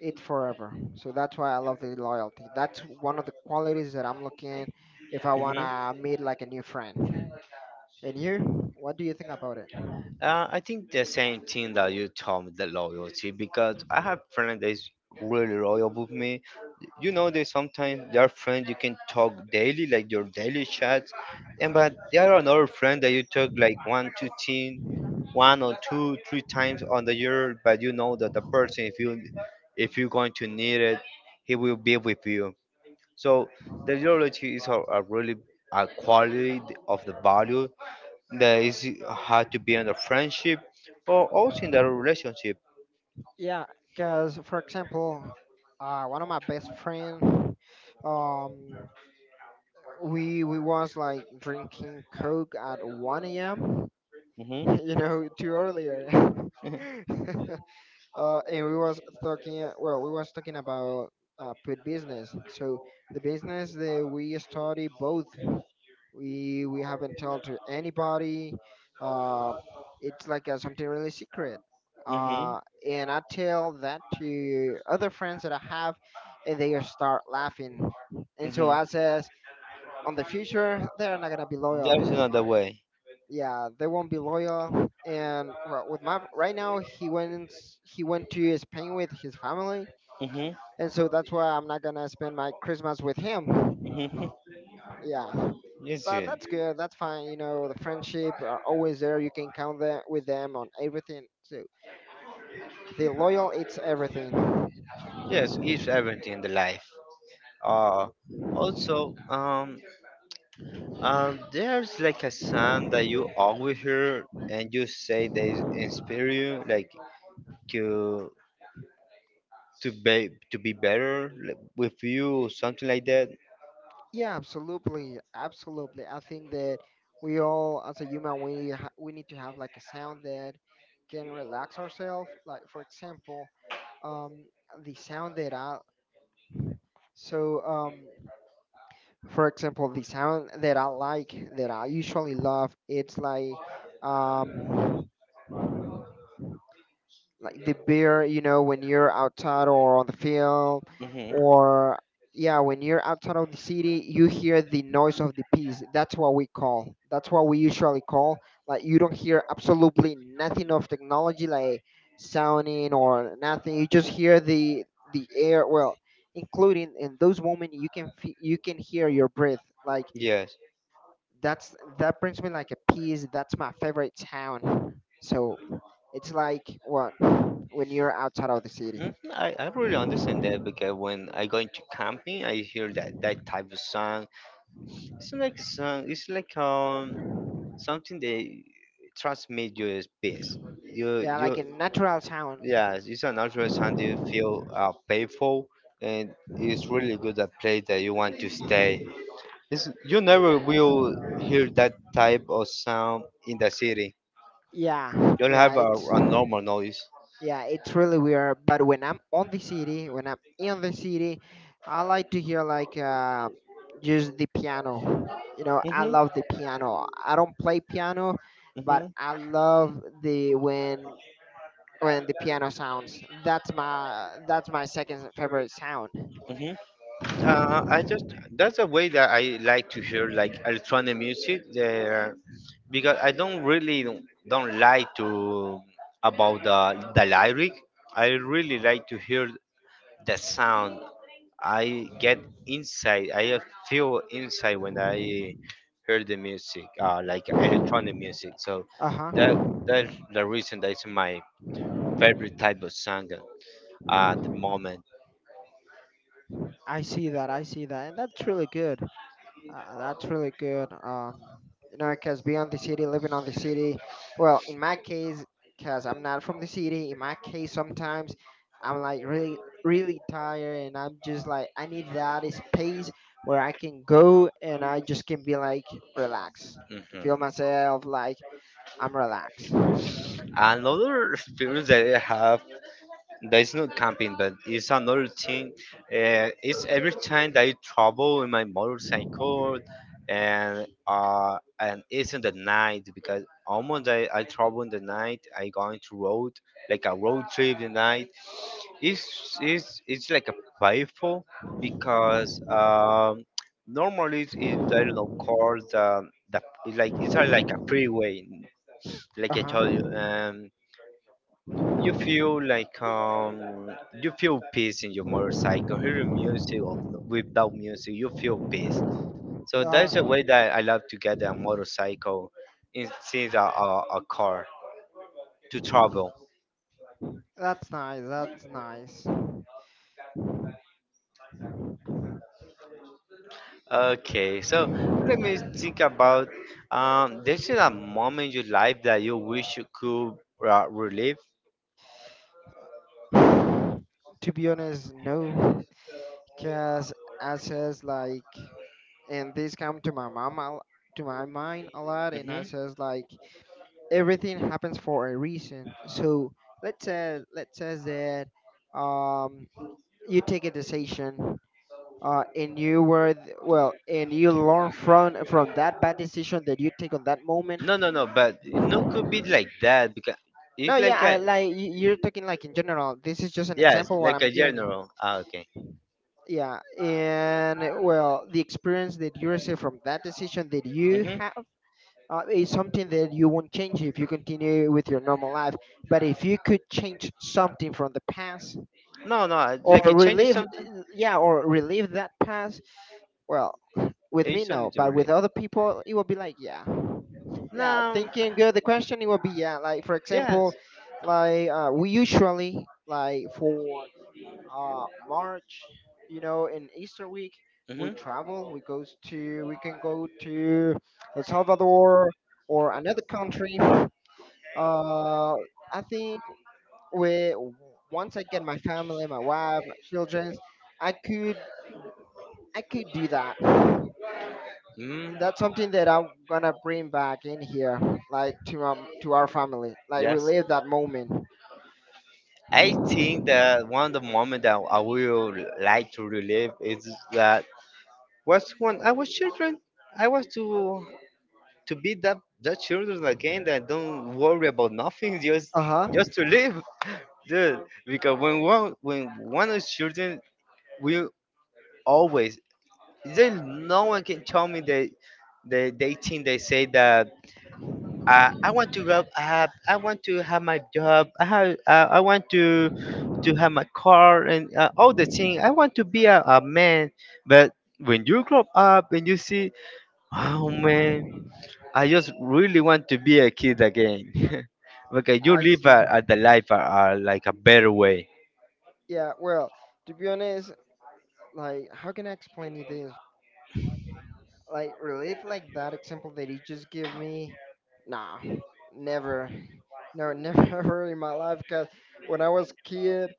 Speaker 2: it forever. So that's why I love the loyalty. That's one of the qualities that I'm looking if I
Speaker 1: Hmm.
Speaker 2: wanna meet like a new friend. And you, what do you think about it?
Speaker 1: I think the same thing that you told me, the loyalty, because I have friends that is really loyal with me. You know, they sometimes they are friends you can talk daily, like your daily chats, and but there are another friend that you talk like one, two, ten, one or two, three times on the year, but you know that the person, if you if you're going to need it, he will be with you. So the ideology is a really a quality of the value that is had to be in the friendship or also in the relationship.
Speaker 2: Yeah, because, for example, one of my best friend, um, we was like drinking coke at 1 a.m.
Speaker 1: Hmm.
Speaker 2: You know, too earlier.
Speaker 1: Hmm.
Speaker 2: And we was talking. Well, we was talking about put business. So the business that we study both, we haven't told to anybody, uh, it's like something really secret,
Speaker 1: Hmm.
Speaker 2: uh, and I tell that to other friends that I have, and they start laughing. And so I says, on the future they're not gonna be
Speaker 1: There's
Speaker 2: loyal.
Speaker 1: another way.
Speaker 2: Yeah, they won't be loyal. And, well, with my right now, he went to Spain with his family.
Speaker 1: Hmm.
Speaker 2: And so that's why I'm not gonna spend my Christmas with him.
Speaker 1: Hmm.
Speaker 2: Yeah.
Speaker 1: Yes,
Speaker 2: But
Speaker 1: yes.
Speaker 2: that's good. That's fine. The friendship are always there. You can count that with them on everything. So the loyal, it's everything.
Speaker 1: Yes, it's everything in the life. Uh, also, um, there's like a song that you always hear, and you say they inspire you, like to to be better like, with you, something like that.
Speaker 2: Yeah, absolutely, absolutely. I think that we all, as a human, we need to have like a sound that can relax ourselves. Like, for example, um, the sound that I so for example, the sound that I like, that I usually love, it's um. like the beer, when you're outside or on the field,
Speaker 1: Hmm.
Speaker 2: or, yeah, when you're outside of the city you hear the noise of the peas. That's what we usually call, like, you don't hear absolutely nothing of technology, like, sounding or nothing. You just hear the air. Well, including in those moments you can you can hear your breath, like,
Speaker 1: Yes.
Speaker 2: that brings me like a peace. That's my favorite town. So it's like, what, when you're outside of the city.
Speaker 1: Hmm. I really understand that because when I go into camping, I hear that that type of song. It's like a song. It's like something that transmit you as peace. You
Speaker 2: Yeah, like
Speaker 1: you.
Speaker 2: a natural town.
Speaker 1: Yes, it's an ultra sound you feel playful, and it's really good a place that you want to stay. It's, you never will hear that type of sound in the city.
Speaker 2: Yeah,
Speaker 1: You'll have a normal noise.
Speaker 2: yeah, it's really weird. But when I'm on the city, when I'm in the city, I like to hear like just the piano. I
Speaker 1: Hmm.
Speaker 2: love the piano. I don't play piano, but I
Speaker 1: Hmm.
Speaker 2: love the when the piano sounds. That's my second favorite sound.
Speaker 1: Hmm. I just that's a way that I like to hear like electronic music there because I don't really don't like to about the lyric. I really like to hear the sound. I get inside. I feel inside when I hear the music, like electronic music. So
Speaker 2: Uh
Speaker 1: that
Speaker 2: huh.
Speaker 1: that's the reason that's my favorite type of song at the moment.
Speaker 2: I see that. I see that, and that's really good. That's really good. Because, beyond the city, living on the city. Well, in my case, because I'm not from the city. In my case, sometimes I'm like really really tired, and I'm just like I need that space where I can go and I just can be like relaxed. Can feel
Speaker 1: Hmm.
Speaker 2: myself like I'm relaxed.
Speaker 1: Another experience that I have that is not camping, but it's another thing. It's every time that I travel in my motorcycle, and it's in the night because almost I travel in the night. I going to road like a road trip in the night. It's like a playful because normally it's I don't know cars that it's like like a freeway,
Speaker 2: Uh
Speaker 1: like I
Speaker 2: huh.
Speaker 1: told you. You feel like you feel peace in your motorcycle, hearing music or without music, you feel peace. So that's the
Speaker 2: Uh,
Speaker 1: way that I love to get a motorcycle instead of a car to travel.
Speaker 2: that's nice. That's nice.
Speaker 1: Okay, so let me think about there's a moment in your life that you wish you could relive.
Speaker 2: To be honest, no, because I says, like, and this come to to my mind a lot, and I
Speaker 1: hmm
Speaker 2: says, like, everything happens for a reason. So let's say that um you take a decision. And you were th- well, and you learn from that bad decision that you take on that moment.
Speaker 1: no, but no could be like that because
Speaker 2: No,
Speaker 1: it's like
Speaker 2: yeah,
Speaker 1: a
Speaker 2: you're talking like in general. This is just an
Speaker 1: Yes,
Speaker 2: example what
Speaker 1: like
Speaker 2: I'm
Speaker 1: a
Speaker 2: giving you.
Speaker 1: general. Ah, okay.
Speaker 2: Yeah, and well, the experience that you receive from that decision that you
Speaker 1: hmm
Speaker 2: have, is something that you won't change if you continue with your normal life. But if you could change something from the past
Speaker 1: No, no, I-
Speaker 2: or
Speaker 1: like it changes
Speaker 2: relive,
Speaker 1: something.
Speaker 2: yeah, or relive that past, well, with me,
Speaker 1: It's only
Speaker 2: no.
Speaker 1: to
Speaker 2: But with
Speaker 1: relate.
Speaker 2: other people, it will be like, yeah, yeah.
Speaker 1: No.
Speaker 2: Thinking good, the question, it will be, yeah. Like, for
Speaker 1: Yes.
Speaker 2: example, like, we usually, like, for March, in Easter week, we
Speaker 1: hmm
Speaker 2: travel. We can go to El Salvador or another country. Uh, I think we once I get my family, my wife, my children, I could I could do that.
Speaker 1: Mm.
Speaker 2: That's something that I'm gonna bring back in here, like, to to our family, like,
Speaker 1: Yeah.
Speaker 2: relive that moment.
Speaker 1: I
Speaker 2: Uh
Speaker 1: think that one of the moment that I will like to relive is that was when I was children. I was to be that children again that don't worry about nothing, just
Speaker 2: huh.
Speaker 1: just to live, dude, because when one is children, we always, there's no one can tell me that they think, they say that, I want to have I want to have my job I have, I want to have my car and all the thing I want to be a man, but when you grow up and you see, oh man, I just really want to be a kid again. Because you
Speaker 2: I
Speaker 1: live
Speaker 2: see.
Speaker 1: a the life are like a better way.
Speaker 2: Yeah. Well, to be honest, like, how can I explain you this? Like, relief like that example that you just give me, nah, never. No, never in my life. Cause when I was kid,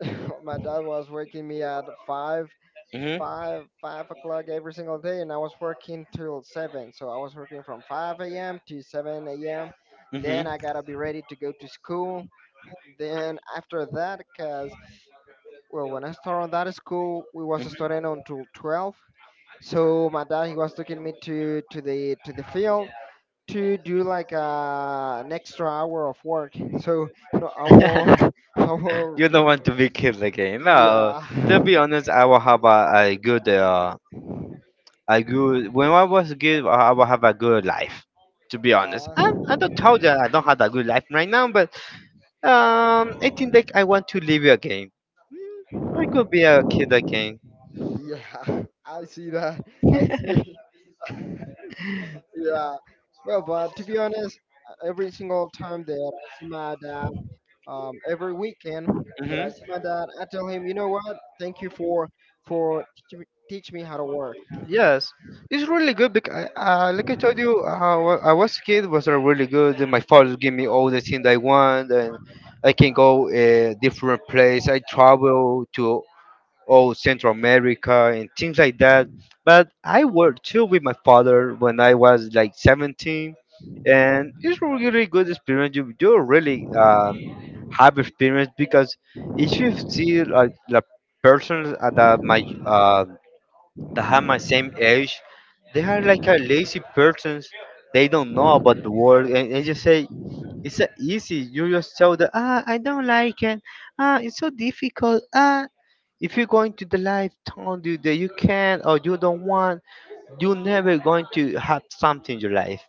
Speaker 2: my dad was waking me at five,
Speaker 1: hmm
Speaker 2: five, five o'clock every single day, and I was working till seven. So I was working from 5 a.m. to 7 a.m.
Speaker 1: hmm
Speaker 2: Then I gotta be ready to go to school. Then after that, cause, well, when I started on that school, we was studying until 12. So my dad, he was taking me to the field to do like an extra hour of work. So, no, I will I will,
Speaker 1: you don't want to be killed again. No,
Speaker 2: yeah,
Speaker 1: to be honest, I will have a good I grew when I was a kid. I will have a good life. To be honest, I
Speaker 2: uh,
Speaker 1: I don't tell that I don't have a good life right now, but I think that I want to live it again. I could be a kid again.
Speaker 2: yeah. I see that. I see. yeah, yeah. But, to be honest, every single time that I see my dad, every weekend that I
Speaker 1: hmm
Speaker 2: see my dad, I tell him, you know what? Thank you for teach me how to work.
Speaker 1: Yes, it's really good because, like I told you, how I was a kid was really good. And my father gave me all the things I want, and I can go different place. I travel to oh Central America and things like that. But I worked too with my father when I was like 17, and it's a really good experience. You do really have experience because if you see like the persons at that my that have my same age, they are like a lazy persons. They don't know about the world and, they just say it's a easy. You just tell them, ah, I don't like it. Ah, it's so difficult. Ah, if you're going to the life told you that you can or you don't want, you're never going to have something in your life,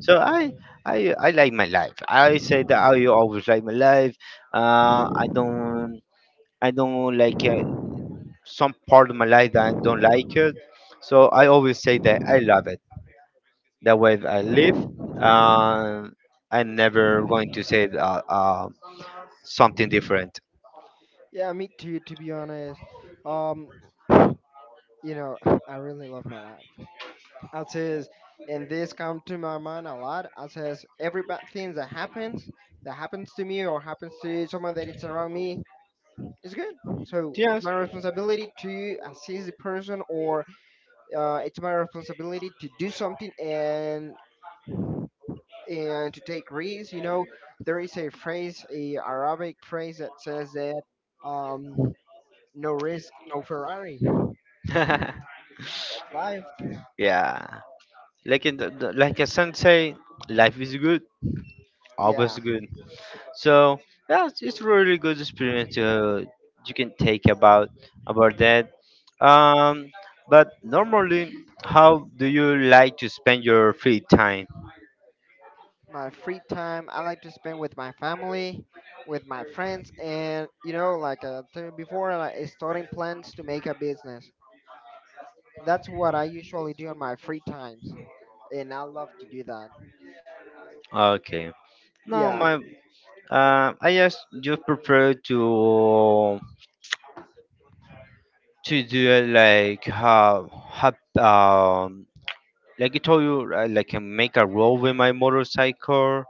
Speaker 1: so I like my life. I say that I always like my life. Uh i don't i don't like some part of my life that I don't like it, so I always say that I love it, that way I live. Uh, I'm never going to say that, something different.
Speaker 2: Yeah, me too. To be honest, um, you know, I really love my life. I says, and this come to my mind a lot. I says, every bad thing that happens to me or happens to someone that it's around me, is good. So it's
Speaker 1: Yes.
Speaker 2: my responsibility to assist the person, or it's my responsibility to do something and to take risks. There is a phrase, a Arabic phrase that says that, um, no risk, no Ferrari. That's life.
Speaker 1: Yeah, like in the like a sensei, life is good,
Speaker 2: Yeah,
Speaker 1: always good. So yeah, it's really good experience, you can take about that. Um, but normally, how do you like to spend your free time?
Speaker 2: my free time I like to spend with my family, with my friends, and, like I told you before, like, is starting plans to make a business. That's what I usually do on my free times, and I love to do that.
Speaker 1: Okay. No,
Speaker 2: Yeah.
Speaker 1: my I just prefer to do it like how um like I told you, right, like I make a roll with my motorcycle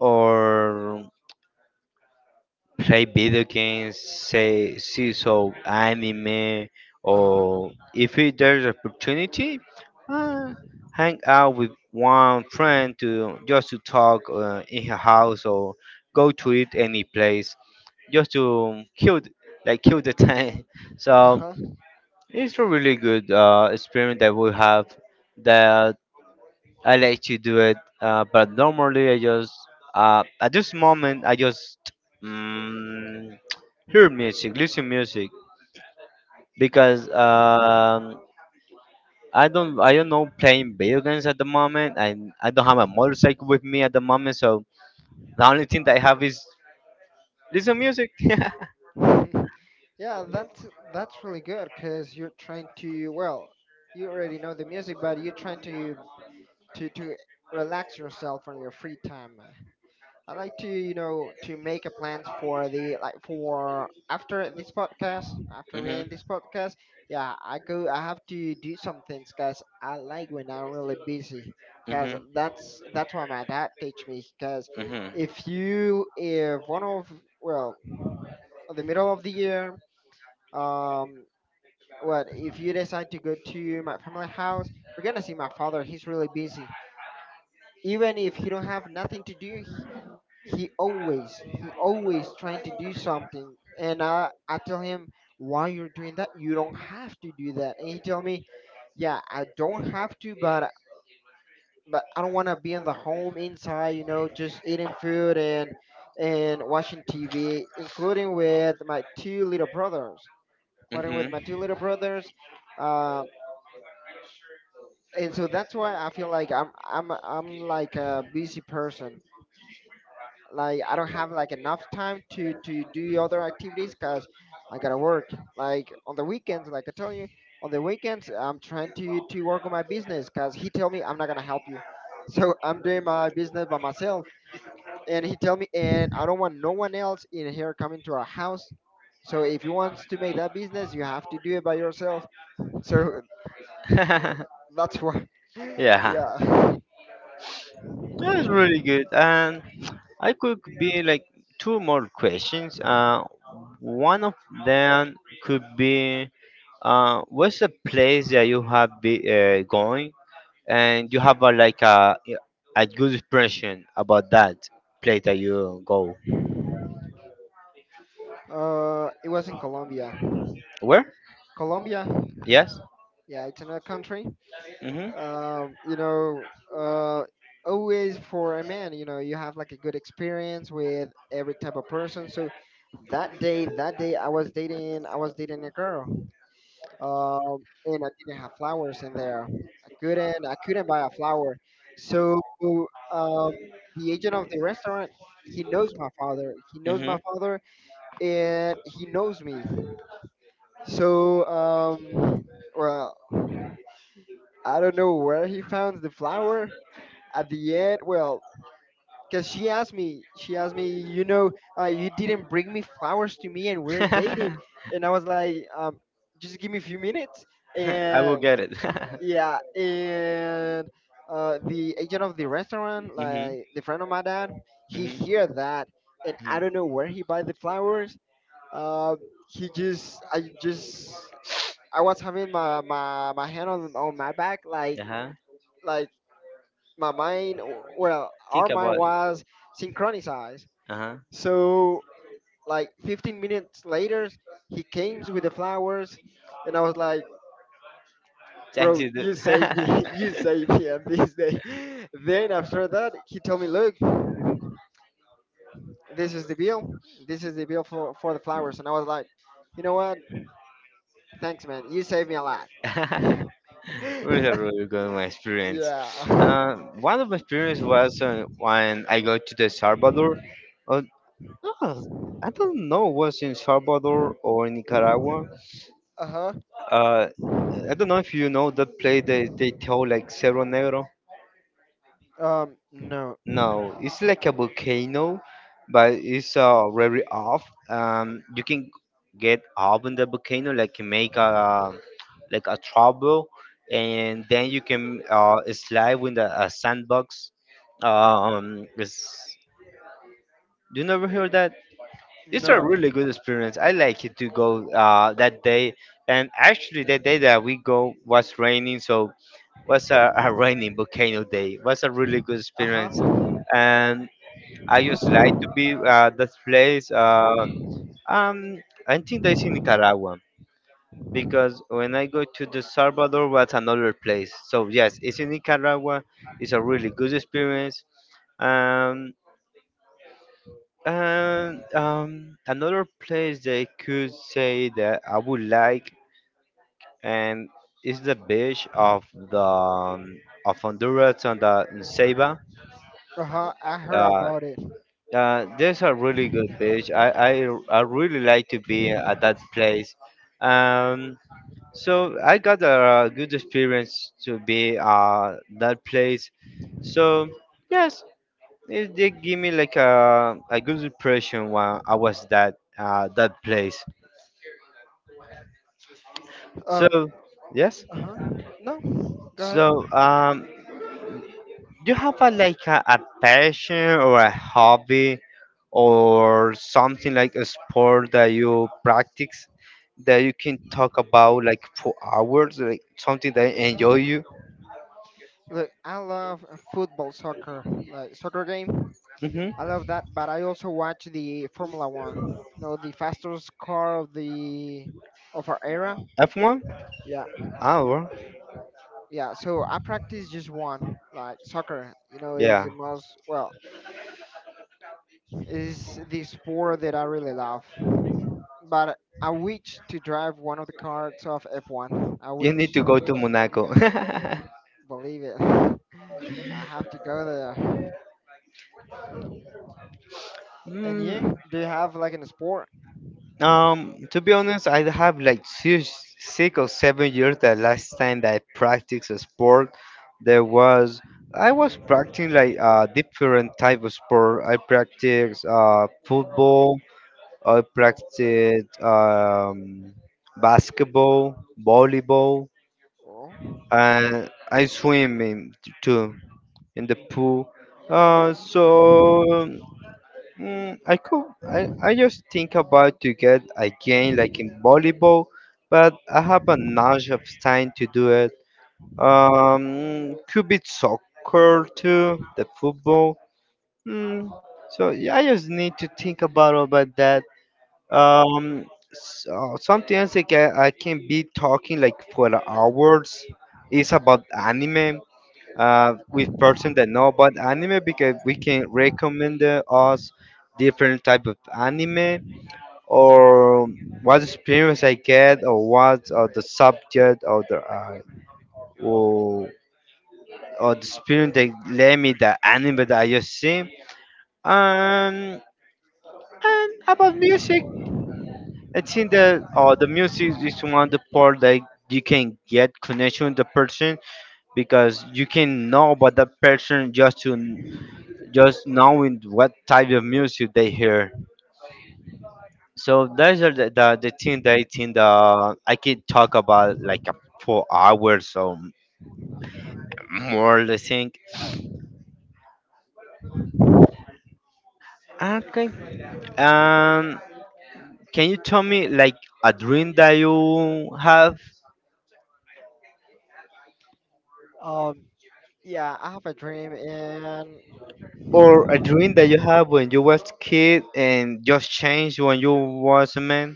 Speaker 1: or play video games, say see so anime,
Speaker 2: Uh huh.
Speaker 1: or if it, there's opportunity, uh, hang out with one friend to just to talk in her house or go to it any place just to like kill the time. So
Speaker 2: Uh
Speaker 1: it's a really good experience that we have. That. I like to do it, but normally I just at this moment I just mm, hear music, listen music because I don't know playing video games at the moment and I don't have a motorcycle with me at the moment, so the only thing that I have is listen music.
Speaker 2: huh. yeah, that's really good because you're trying to well, you already know the music, but you're trying to relax yourself on your free time. I like to, to make a plans for the like for after this podcast, after we
Speaker 1: hmm
Speaker 2: end this podcast. Yeah, I go. I have to do some things, cause I like when I'm really busy, cause
Speaker 1: hmm
Speaker 2: that's what my dad teach me. Cause if you, if one of, well, the middle of the year, um, what if you decide to go to my family house? We're gonna see my father. He's really busy. Even if he don't have nothing to do, he always trying to do something. And I tell him, why you're doing that? You don't have to do that. And he tell me, yeah, I don't have to, but I don't want to be in the home inside, just eating food and watching TV, including with my two little brothers
Speaker 1: hmm
Speaker 2: including with my two little
Speaker 1: hmm
Speaker 2: brothers um and so that's why I feel like I'm like a busy person. Like, I don't have like enough time to do other activities because I gotta work. Like, on the weekends, like I tell you, on the weekends I'm trying to work on my business because he tell me I'm not gonna help you, so I'm doing my business by myself. And he tell me, and I don't want no one else in here coming to our house. So if you want to make that business, you have to do it by yourself. So that's why.
Speaker 1: yeah,
Speaker 2: yeah.
Speaker 1: that was really good and. I could be like two more questions. One of them could be what's the place that you have been going and you have a, like a good impression about that place that you go.
Speaker 2: It was in Colombia.
Speaker 1: Where?
Speaker 2: Colombia,
Speaker 1: Yes.
Speaker 2: yeah, it's another country.
Speaker 1: Mm-hmm.
Speaker 2: um, you know, uh, always for a man, you have like a good experience with every type of person. So I was dating a girl, and I didn't have flowers in there. I couldn't buy a flower. So, um, the agent of the restaurant, he knows my father. And he knows me. So, well, I don't know where he found the flower, at the end, well, because
Speaker 1: Mm-hmm.
Speaker 2: you didn't bring me flowers to me, and we're dating, and I was like, just give me a few minutes,
Speaker 1: I will and
Speaker 2: and,
Speaker 1: get it.
Speaker 2: yeah, and the agent of the restaurant,
Speaker 1: Mhm.
Speaker 2: like the friend of my dad, he
Speaker 1: Mhm.
Speaker 2: hear that, and I don't know
Speaker 1: Mhm.
Speaker 2: where he buy the flowers. Uh, he just, I was having my
Speaker 1: My.
Speaker 2: my, my hand on my back, like,
Speaker 1: Uh huh.
Speaker 2: like my mind well, our
Speaker 1: Think
Speaker 2: mind
Speaker 1: about it.
Speaker 2: was synchronized,
Speaker 1: Uh huh.
Speaker 2: so like 15 minutes later he came with the flowers, and I was like,
Speaker 1: Thank
Speaker 2: bro,
Speaker 1: you.
Speaker 2: you saved me. You saved me on this day. Then after that he told me, look, this is the bill this is the bill for the flowers. And I was like, you know what, thanks, man, you saved me a lot.
Speaker 1: Save me. Where is really good my experience?
Speaker 2: yeah.
Speaker 1: One of my experience was when I go to the Salvador. Uh, no, I don't know was in Salvador or in Nicaragua.
Speaker 2: uh-huh.
Speaker 1: Uh, I don't know if you know that play that they tell like Cerro Negro.
Speaker 2: No,
Speaker 1: No, it's like a volcano, but it's very off. You can get up in the volcano, like you make a like a trouble, and then you can slide with the a sandbox. It's, you never heard that? It's a
Speaker 2: no.
Speaker 1: really good experience. I like it to go that day, and actually that day that we go was raining, so was a rainy volcano day. Was a really good
Speaker 2: Uh
Speaker 1: experience,
Speaker 2: huh.
Speaker 1: and I just like to be that place. Um, I think that's in Nicaragua because when I go to the Salvador, was another place. So yes, it's in Nicaragua. It's a really good experience. Um, and another place they could say that I would like and is the beach of the of Honduras on the in Ceiba.
Speaker 2: Uh huh. I heard
Speaker 1: Uh,
Speaker 2: about it.
Speaker 1: there's a really good beach. I really like to be at that place. Um, so I got a, good experience to be that place. So yes, it did give me like a good impression when I was that that place.
Speaker 2: Um.
Speaker 1: So yes.
Speaker 2: Uh huh. No. Go ahead.
Speaker 1: So do you have a like a passion or a hobby or something like a sport that you practice that you can talk about like for hours, like something that enjoy you?
Speaker 2: Look, I love, football, soccer, like soccer game.
Speaker 1: Mm-hmm.
Speaker 2: I love that, but I also watch the Formula One. The fastest car of the of our era.
Speaker 1: F1?
Speaker 2: Yeah,
Speaker 1: Ah, well,
Speaker 2: yeah. So I practice just one, like soccer.
Speaker 1: yeah.
Speaker 2: Is the sport that I really love. But I wish to drive one of the cars of F1. I
Speaker 1: You need
Speaker 2: wish,
Speaker 1: to go to Monaco.
Speaker 2: believe it. I have to go there. And
Speaker 1: Mm.
Speaker 2: you? Do you have like an sport?
Speaker 1: To be honest, I have like 6 or 7 years. The last time that I practiced a sport, there was I was practicing like different type of sport. I practiced football. I practiced basketball, volleyball,
Speaker 2: Oh.
Speaker 1: and I swim in, too in the pool. So mm, I could. I just think about to get again like in volleyball, but I have a nudge of time to do it. Could be soccer too, the football. Mm, so yeah, I just need to think about that. Um, so something else like I can be talking like for hours is about anime with person that know about anime because we can recommend us different type of anime or what experience I get or what or the subject or the or, or the experience they let me the anime that I just see. Um, and about music, I think that the music is one of the part that you can get connection with the person because you can know about that person just to just knowing what type of music they hear. So those are the thing that I think that I could talk about like a 4 hours or more. I think. Okay. Um, can you tell me like a dream that you have,
Speaker 2: Yeah, I have a dream, and,
Speaker 1: or a dream that you have when you was kid and just changed when you was a man?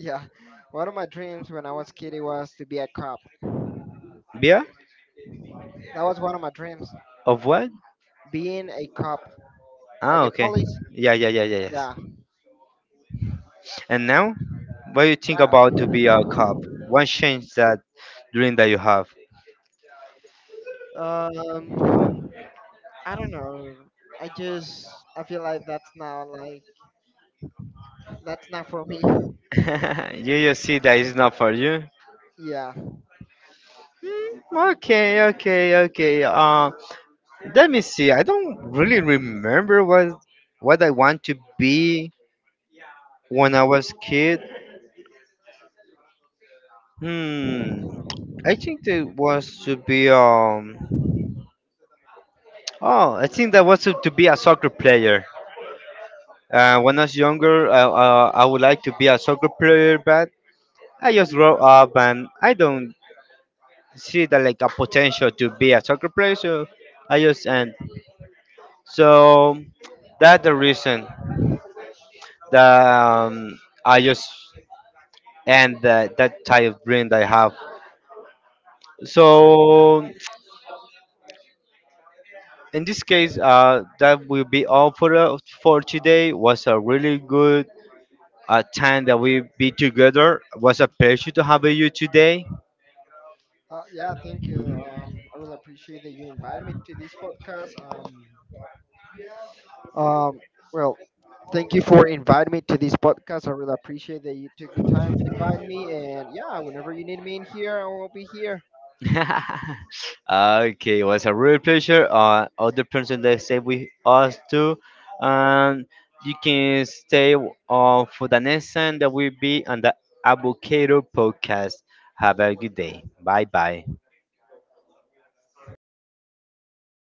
Speaker 2: yeah, one of my dreams when I was a kid it was to be a cop.
Speaker 1: Yeah.
Speaker 2: That was one of my dreams,
Speaker 1: Of what?
Speaker 2: being a cop, like
Speaker 1: Ah,
Speaker 2: a
Speaker 1: okay.
Speaker 2: police.
Speaker 1: Yeah, yeah, yeah, yeah, yes.
Speaker 2: Yeah.
Speaker 1: And now? What do you think
Speaker 2: I-
Speaker 1: about to be a cop? One change that dream that you have.
Speaker 2: Um, I don't know. I feel like that's not for me.
Speaker 1: You just see that it's not for you.
Speaker 2: Yeah.
Speaker 1: Mm, okay, okay, okay. Let me see. I don't really remember what I want to be when I was kid. Hmm. I think that was to be. Oh, I think that was to be a soccer player. When I was younger, I would like to be a soccer player, but I just grow up and I don't see that like a potential to be a soccer player. So I just and so that's the reason that um, I just and that that type of dream that I have. So in this case, that will be all for today. Was a really good time that we be together. Was a pleasure to have you today.
Speaker 2: Yeah, thank you. I really appreciate that you invited me to this podcast. Um, well, thank you for inviting me to this podcast. I really appreciate that you took the time to invite me. And, yeah, whenever you need me in here, I will be here.
Speaker 1: Okay, it was a real pleasure. Other person that stay with us too, and you can stay for the next time that will be on the Avocado podcast. Have a good day. Bye bye.